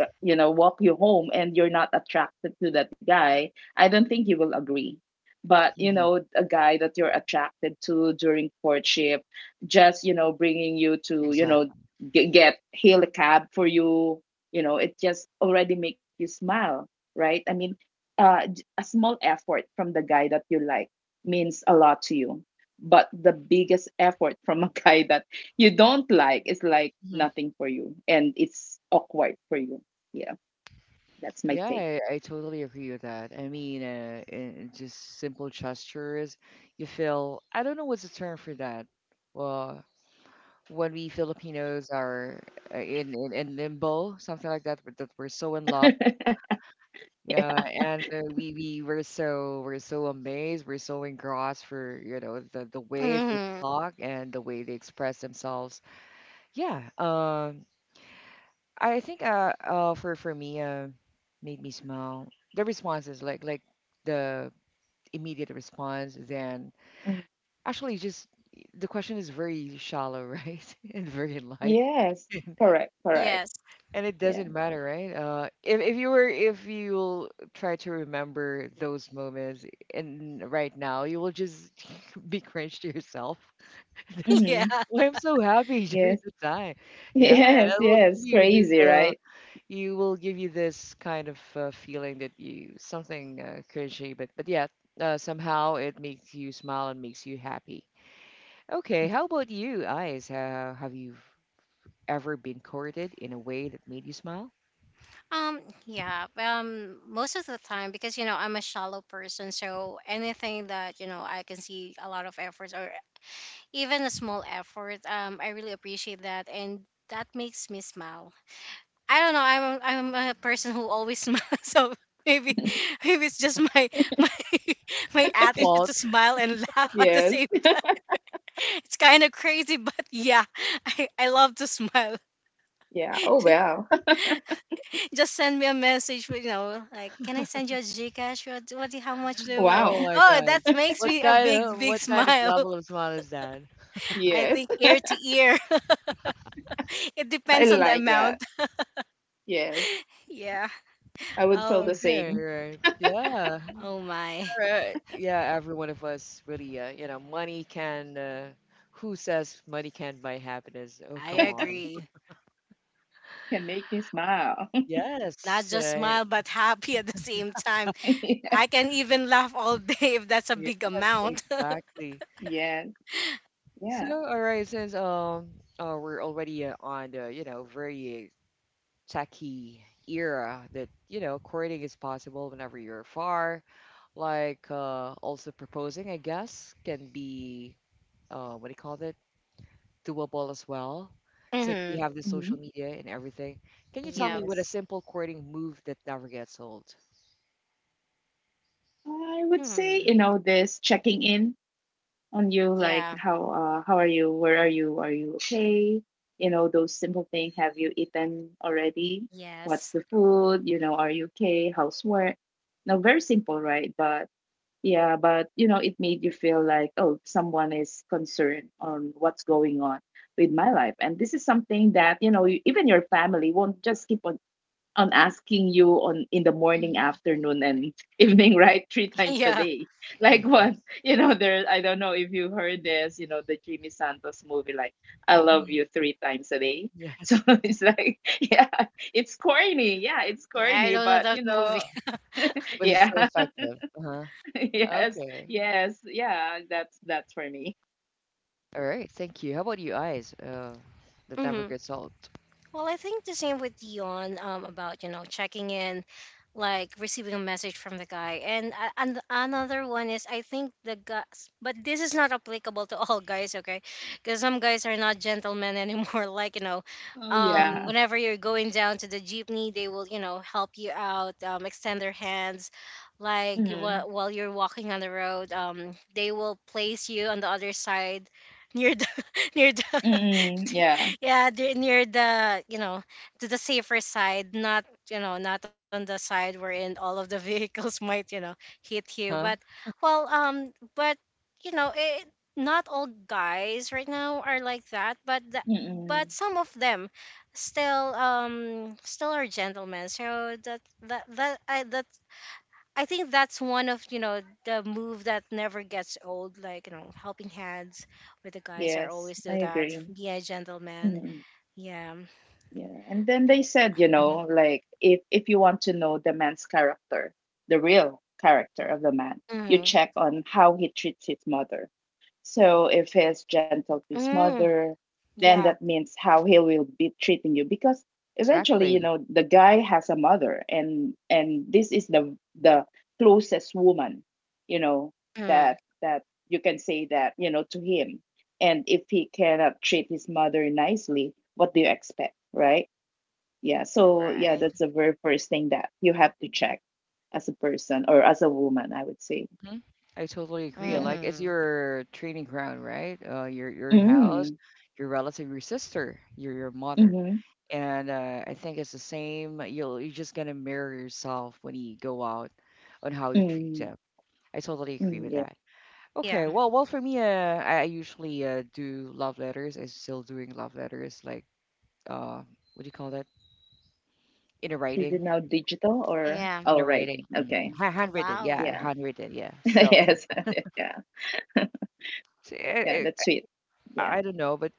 you know walk you home and you're not attracted to that guy I don't think you will agree but you Mm-hmm. know a guy that you're attracted to during courtship just you know bringing you to you know Exactly. Get hail a cab for you you know it just already make you smile right I mean a small effort from the guy that you like means a lot to you but the biggest effort from a guy that you don't like is like nothing for you and it's awkward for you yeah, that's my Yeah, take. I totally agree with that. I mean, in just simple gestures, you feel, I don't know what's the term for that. Well, when we Filipinos are in limbo, something like that, but that we're so in love. Yeah, and we were so, we're so amazed, we're so engrossed for, you know, the way they Hmm. talk and the way they express themselves. Yeah, I think for me made me smile. The responses, like the immediate response, then Mm. actually just the question is very shallow, right? And very light. Yes, correct, correct. Yes. And it Yeah. doesn't matter, right? If you were if you'll try to remember those moments, and right now you will just be cringe to yourself. Yeah. Mm-hmm. "Oh, I'm so happy during Yes, the time." Yeah, and yes, I will give yes. you this Crazy, right? you will give you this kind of feeling that you something cringy, but yeah, somehow it makes you smile and makes you happy. Okay, how about you, Eyes? How have you ever been courted in a way that made you smile? Um, yeah. Most of the time, because I'm a shallow person, so anything that I can see a lot of efforts or even a small effort, I really appreciate that, and that makes me smile. I don't know. I'm a person who always smiles, so maybe maybe it's just my my my attitude Fault. to smile and laugh at the Yes. same it's kind of crazy, but yeah, I love to smile. Yeah. Oh, wow. Just send me a message, with, you know, like, can I send you a Gcash? How much do you want? Oh Wow. my Oh, God. that makes me a big, big What kind of smile. level of smile is that? I Yes. think ear to ear. It I depends on the like that. amount. Yes. Yeah. I would feel Oh, the Okay, same. right. Yeah. oh my. Alright. Yeah, every one of us really, you know, money can. Who says money can't buy happiness? Oh, I come on. agree. Can make me smile. Not Yes, just smile, but happy at the same time. Yeah. I can even laugh all day if that's a yes, big amount. exactly. Yes. Yeah. So, all right, since we're already on the, you know, very techie era that you know courting is possible whenever you're far, like also proposing, I guess, can be what do you call it, doable as well, since we Hmm. have the Mhm. social media and everything. Can you tell Yeah. me what a Yes. simple courting move that never gets old? I would say, Hmm. you know, this checking in on you like Yeah. How are you where are you okay you know those simple things have you eaten already what's Yes. the food you know are you okay how's work now very simple right but yeah but you know it made you feel like oh someone is concerned on what's going on with my life and this is something that you know even your family won't just keep on I'm asking you on in the morning, afternoon, and evening, right? Three times a Yeah. day. Like what? Yes, You know, there. I don't know if you heard this. You know, the Jimmy Santos movie, like "I love mhm. you 3 times a day." So Yes, it's like, yeah, it's corny. Yeah, it's I corny, don't know but you that know, movie. which is so yeah, effective. Uh-huh. yes, Okay. yes, yeah. That's for me. All right. Thank you. How about you, eyes? That never Hmm. gets old. Well, I think the same with Dion about, you know, checking in, like receiving a message from the guy. And another one is I think the guys, but this is not applicable to all guys, okay? Because some guys are not gentlemen anymore. Like, you know, Oh yeah. whenever you're going down to the jeepney, they will, you know, help you out, extend their hands. Like Mm-hmm. While you're walking on the road, they will place you on the other side near the near the Mm-hmm. Yeah. yeah near the to the safer side not not on the side wherein all of the vehicles might hit you Huh? but well but it not all guys right now are like that but the, Mm-hmm. but some of them still still are gentlemen so that I think that's one of the move that never gets old. Like you know, helping hands with the guys. I Yes, I always do that. agree. Be a gentleman. Mm-hmm. Yeah. Yeah, and then they Okay. said, you Hmm. know, like if you want to know the man's character, the real character of the man, you Mm. check on how he treats his mother. So if he is gentle to his Mm. mother, then that Yeah. means how he will be treating you because eventually, you Exactly. know, the guy has a mother and this is the closest woman, you know, Mm. that that you can say that, you know, to him and if he cannot treat his mother nicely what do you expect right yeah so yeah Right. that's the very first thing that you have to check as a person or as a woman I would say Hmm. I totally agree. And, yeah like, it's Mm. your training ground, right? Your house, mm, your relative, your sister, your mother. mm-hmm, And I think it's the same. You'll you're just gonna mirror yourself when you go out on how you treat mm, them. I totally agree mm, with yeah that. Yeah. Okay. Well, well, for me, I usually do love letters. I'm still doing love letters. Like, uh, what do you call that? In a is it now writing, digital or Yeah. oh in a writing writing, mm, okay ha handwritten, Wow. yeah, yeah handwritten, yeah. Still, yes yeah so it, yeah it, that's sweet yeah I don't know, but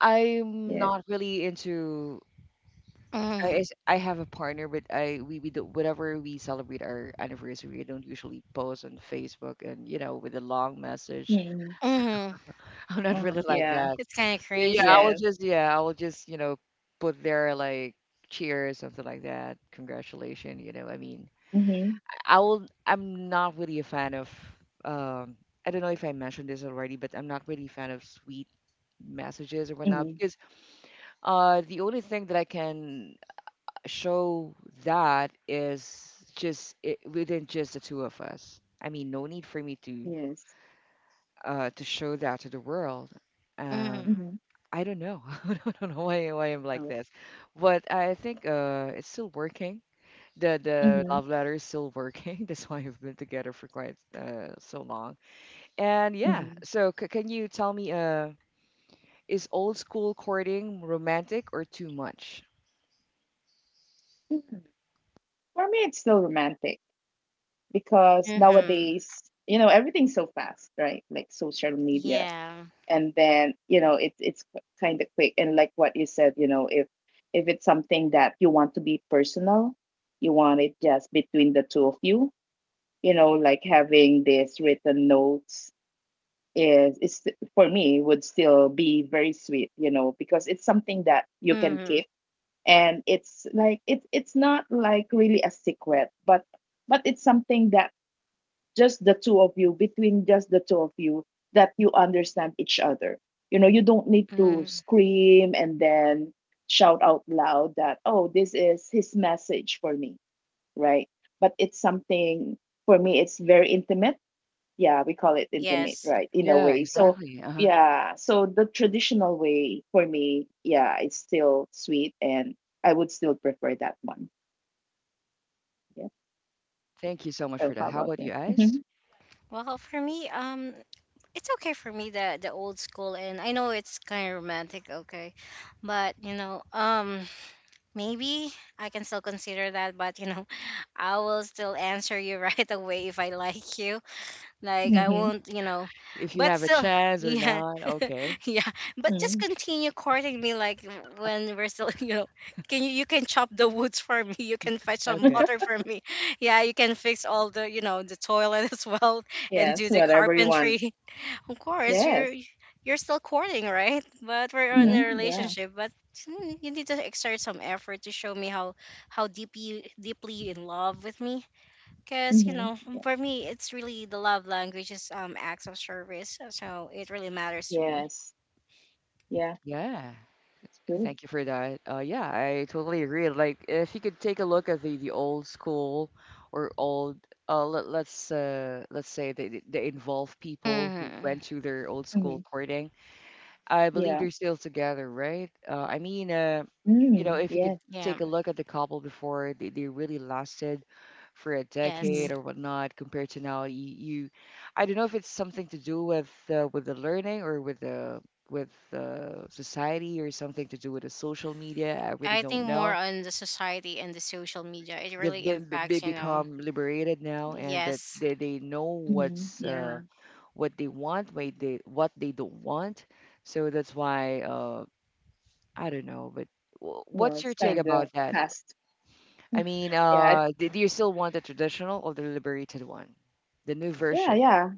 I'm yes not really into. I Mm. is- I have a partner, but I we do whenever we celebrate our anniversary, we don't usually post on Facebook and, you know, with a long message. mm, Mm. I'm not really like yeah that. It's kind of Yeah, cringe, I will right? yes just, yeah, I will just, you know, put there like cheers, something like that, congratulations. You know, I mean, mm-hmm, I will. I'm not really a fan of. Um, I don't know if I mentioned this already, but I'm not really a fan of sweet messages or whatnot mm-hmm, because the only thing that I can show that is just it, within just the two of us. I mean, no need for me yes to show that to the world. Uh, Mm. mm-hmm, I don't know. I don't know why I'm like oh, this, but I think it's still working, the mm-hmm, love letter is still working. That's why we've been together for quite so long. And yeah, so can you tell me, is old school courting romantic or too much? mm-hmm. For me, it's still romantic because Mm. nowadays, you know, everything's so fast, right? Like social media, Yeah. and then you know, it's kind of quick. And like what you said, you know, if it's something that you want to be personal, you want it just between the two of you, you know, like having this written notes is for me would still be very sweet, you know, because it's something that you can Mm. keep and it's like it's not like really a secret but it's something that just the two of you between just the two of you that you understand each other you know you don't need to Mm. scream and then shout out loud that oh this is his message for me right but it's something for me it's very intimate yeah we call it intimate Yes. right in a Yeah, way so exactly. Uh huh. yeah so the traditional way for me yeah it's still sweet and I would still prefer that one yeah Thank you so much for so that. how How about about you you hmm guys? Well, for me, it's okay for me the old school and I know it's kind of romantic, okay, but you know, maybe I can still consider that, but you know, I will still answer you right away if I like you. Like I hmm won't, you know, If you but have a still, chance or yeah, not? Okay. yeah, but just hmm continue courting me like when we're still, you know, can you can chop the woods for me, you can fetch some Okay. water for me, yeah, you can fix all the the toilet as well and yes do the whatever you want carpentry. Of course, you're yes you're still courting, right? But we're in Yeah. a hmm yeah relationship. But mm, you need to exert some effort to show me how deep you deeply you in love with me. Cause you hmm know, yeah for me, it's really the love language is acts of service. So it really matters to me. yes yeah Yeah. it's good Thank you for that. Yeah, I totally agree. Like, if you could take a look at the old school or old, let, let's say they involve people who Hmm. went to their old hmm school courting. I believe yeah they're still together, right? I mean, you mm know, if you could yes Yeah. take a look at the couple before, they really lasted for a hmm hmm decade Yes. or whatnot, compared to now. You, I don't know if it's something to do with the learning or with the, with society, or something to do with the social media. I really I don't think more know. on the society and the social media. It They've really been be- impacts. You know. become liberated now, and that Yes. They know yeah mm-hmm, mm-hmm, what's yeah what they want, what they don't want. So that's why I don't know, but wh- Well, what's your it's take kind of about that? fast I mean, yeah do, do you still want the traditional or the liberated one, the new yeah version? yeah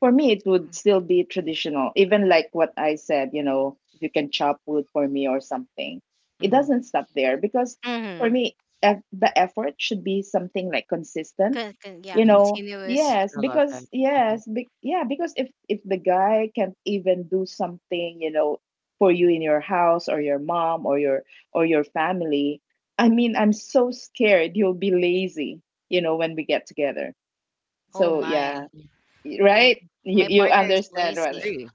for me it would still be traditional even like what I said you know if you can chop wood for me or something it Mm-hmm. doesn't stop there because for Mm-hmm. me the effort should be something like consistent Yeah. you Hmm. know Continuous. yes I love that. because Mm-hmm. yes yeah because if the guy can't even do something you know for you in your house or your mom or your family I mean I'm so scared you'll be lazy you know when we get together Oh so my. yeah My right? You my Mm. you partner is understand lazy. right? Agree.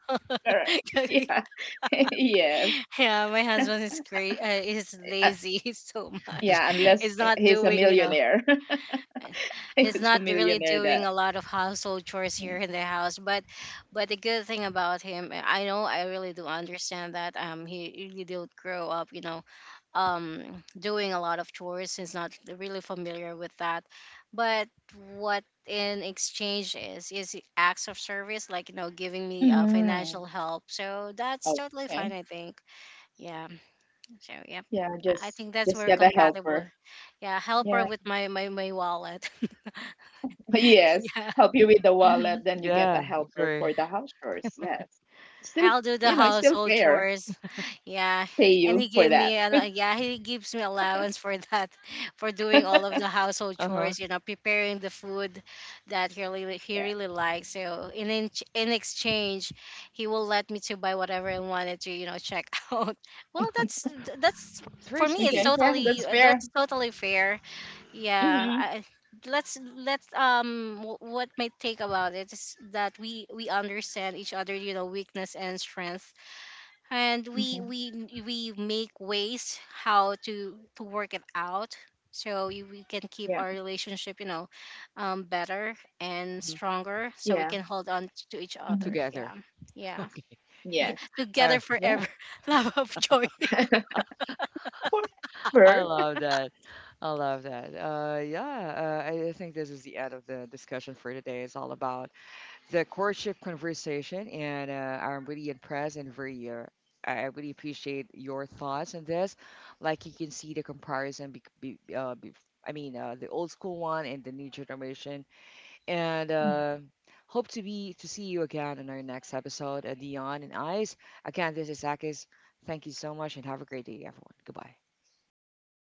Correct. Yeah. Yes. Yeah, my husband is great. Is Uh, lazy so much. yeah. Unless He's not he's a doing, you know, millionaire, is he's a not really millionaire. That. doing a lot of household chores Mm. here in the house but the good thing about him I know I really do understand that he really did grow up you know doing a lot of chores he's not really familiar with that but what in exchange is acts of service like you know giving me Mm. financial help so that's totally fine Okay. I think yeah so yep. Yeah. I Just think that's just where get a compatible. helper. Yeah, help Yeah. her with my wallet. Yes. Yeah. Help you with the Hmm. wallet, then you get Yeah, a helper agree. for the house chores. Yes. Still, I'll do the you know, it's still household fair. chores. Yeah. Pay And you he for gave that. me a yeah, he gives me allowance for that for doing all of the household Uh-huh. chores, you know, preparing the food that he Yeah. really likes. So in exchange, he will let me to buy whatever I wanted to, you know, check out. Well, that's It's very for me it's sweet. Okay. Yeah. That's totally fair. that's totally fair. Yeah, Mm-hmm. I, let's what my take about it is that we understand each other, you know, weakness and strength, and we Mm-hmm. we we make ways how to work it out so we can keep Yeah. our relationship, you know, better and Mhm. stronger Yeah. so we can hold on to each Mm-hmm. other. Yeah. Together. Yeah. Yes. Yeah, All together right. Yeah. forever. Love of joy. I forever. love that. I love that. Yeah, I think this is the end of the discussion for today. It's all about the courtship conversation, and I'm really impressed and very. I really appreciate your thoughts on this. Like you can see the comparison, be, I mean, the old school one and the new generation. And hope to be to see you again in our next episode, Dion and Eyes. Again, this is Akis. Thank you so much, and have a great day, everyone. Goodbye. Thanks.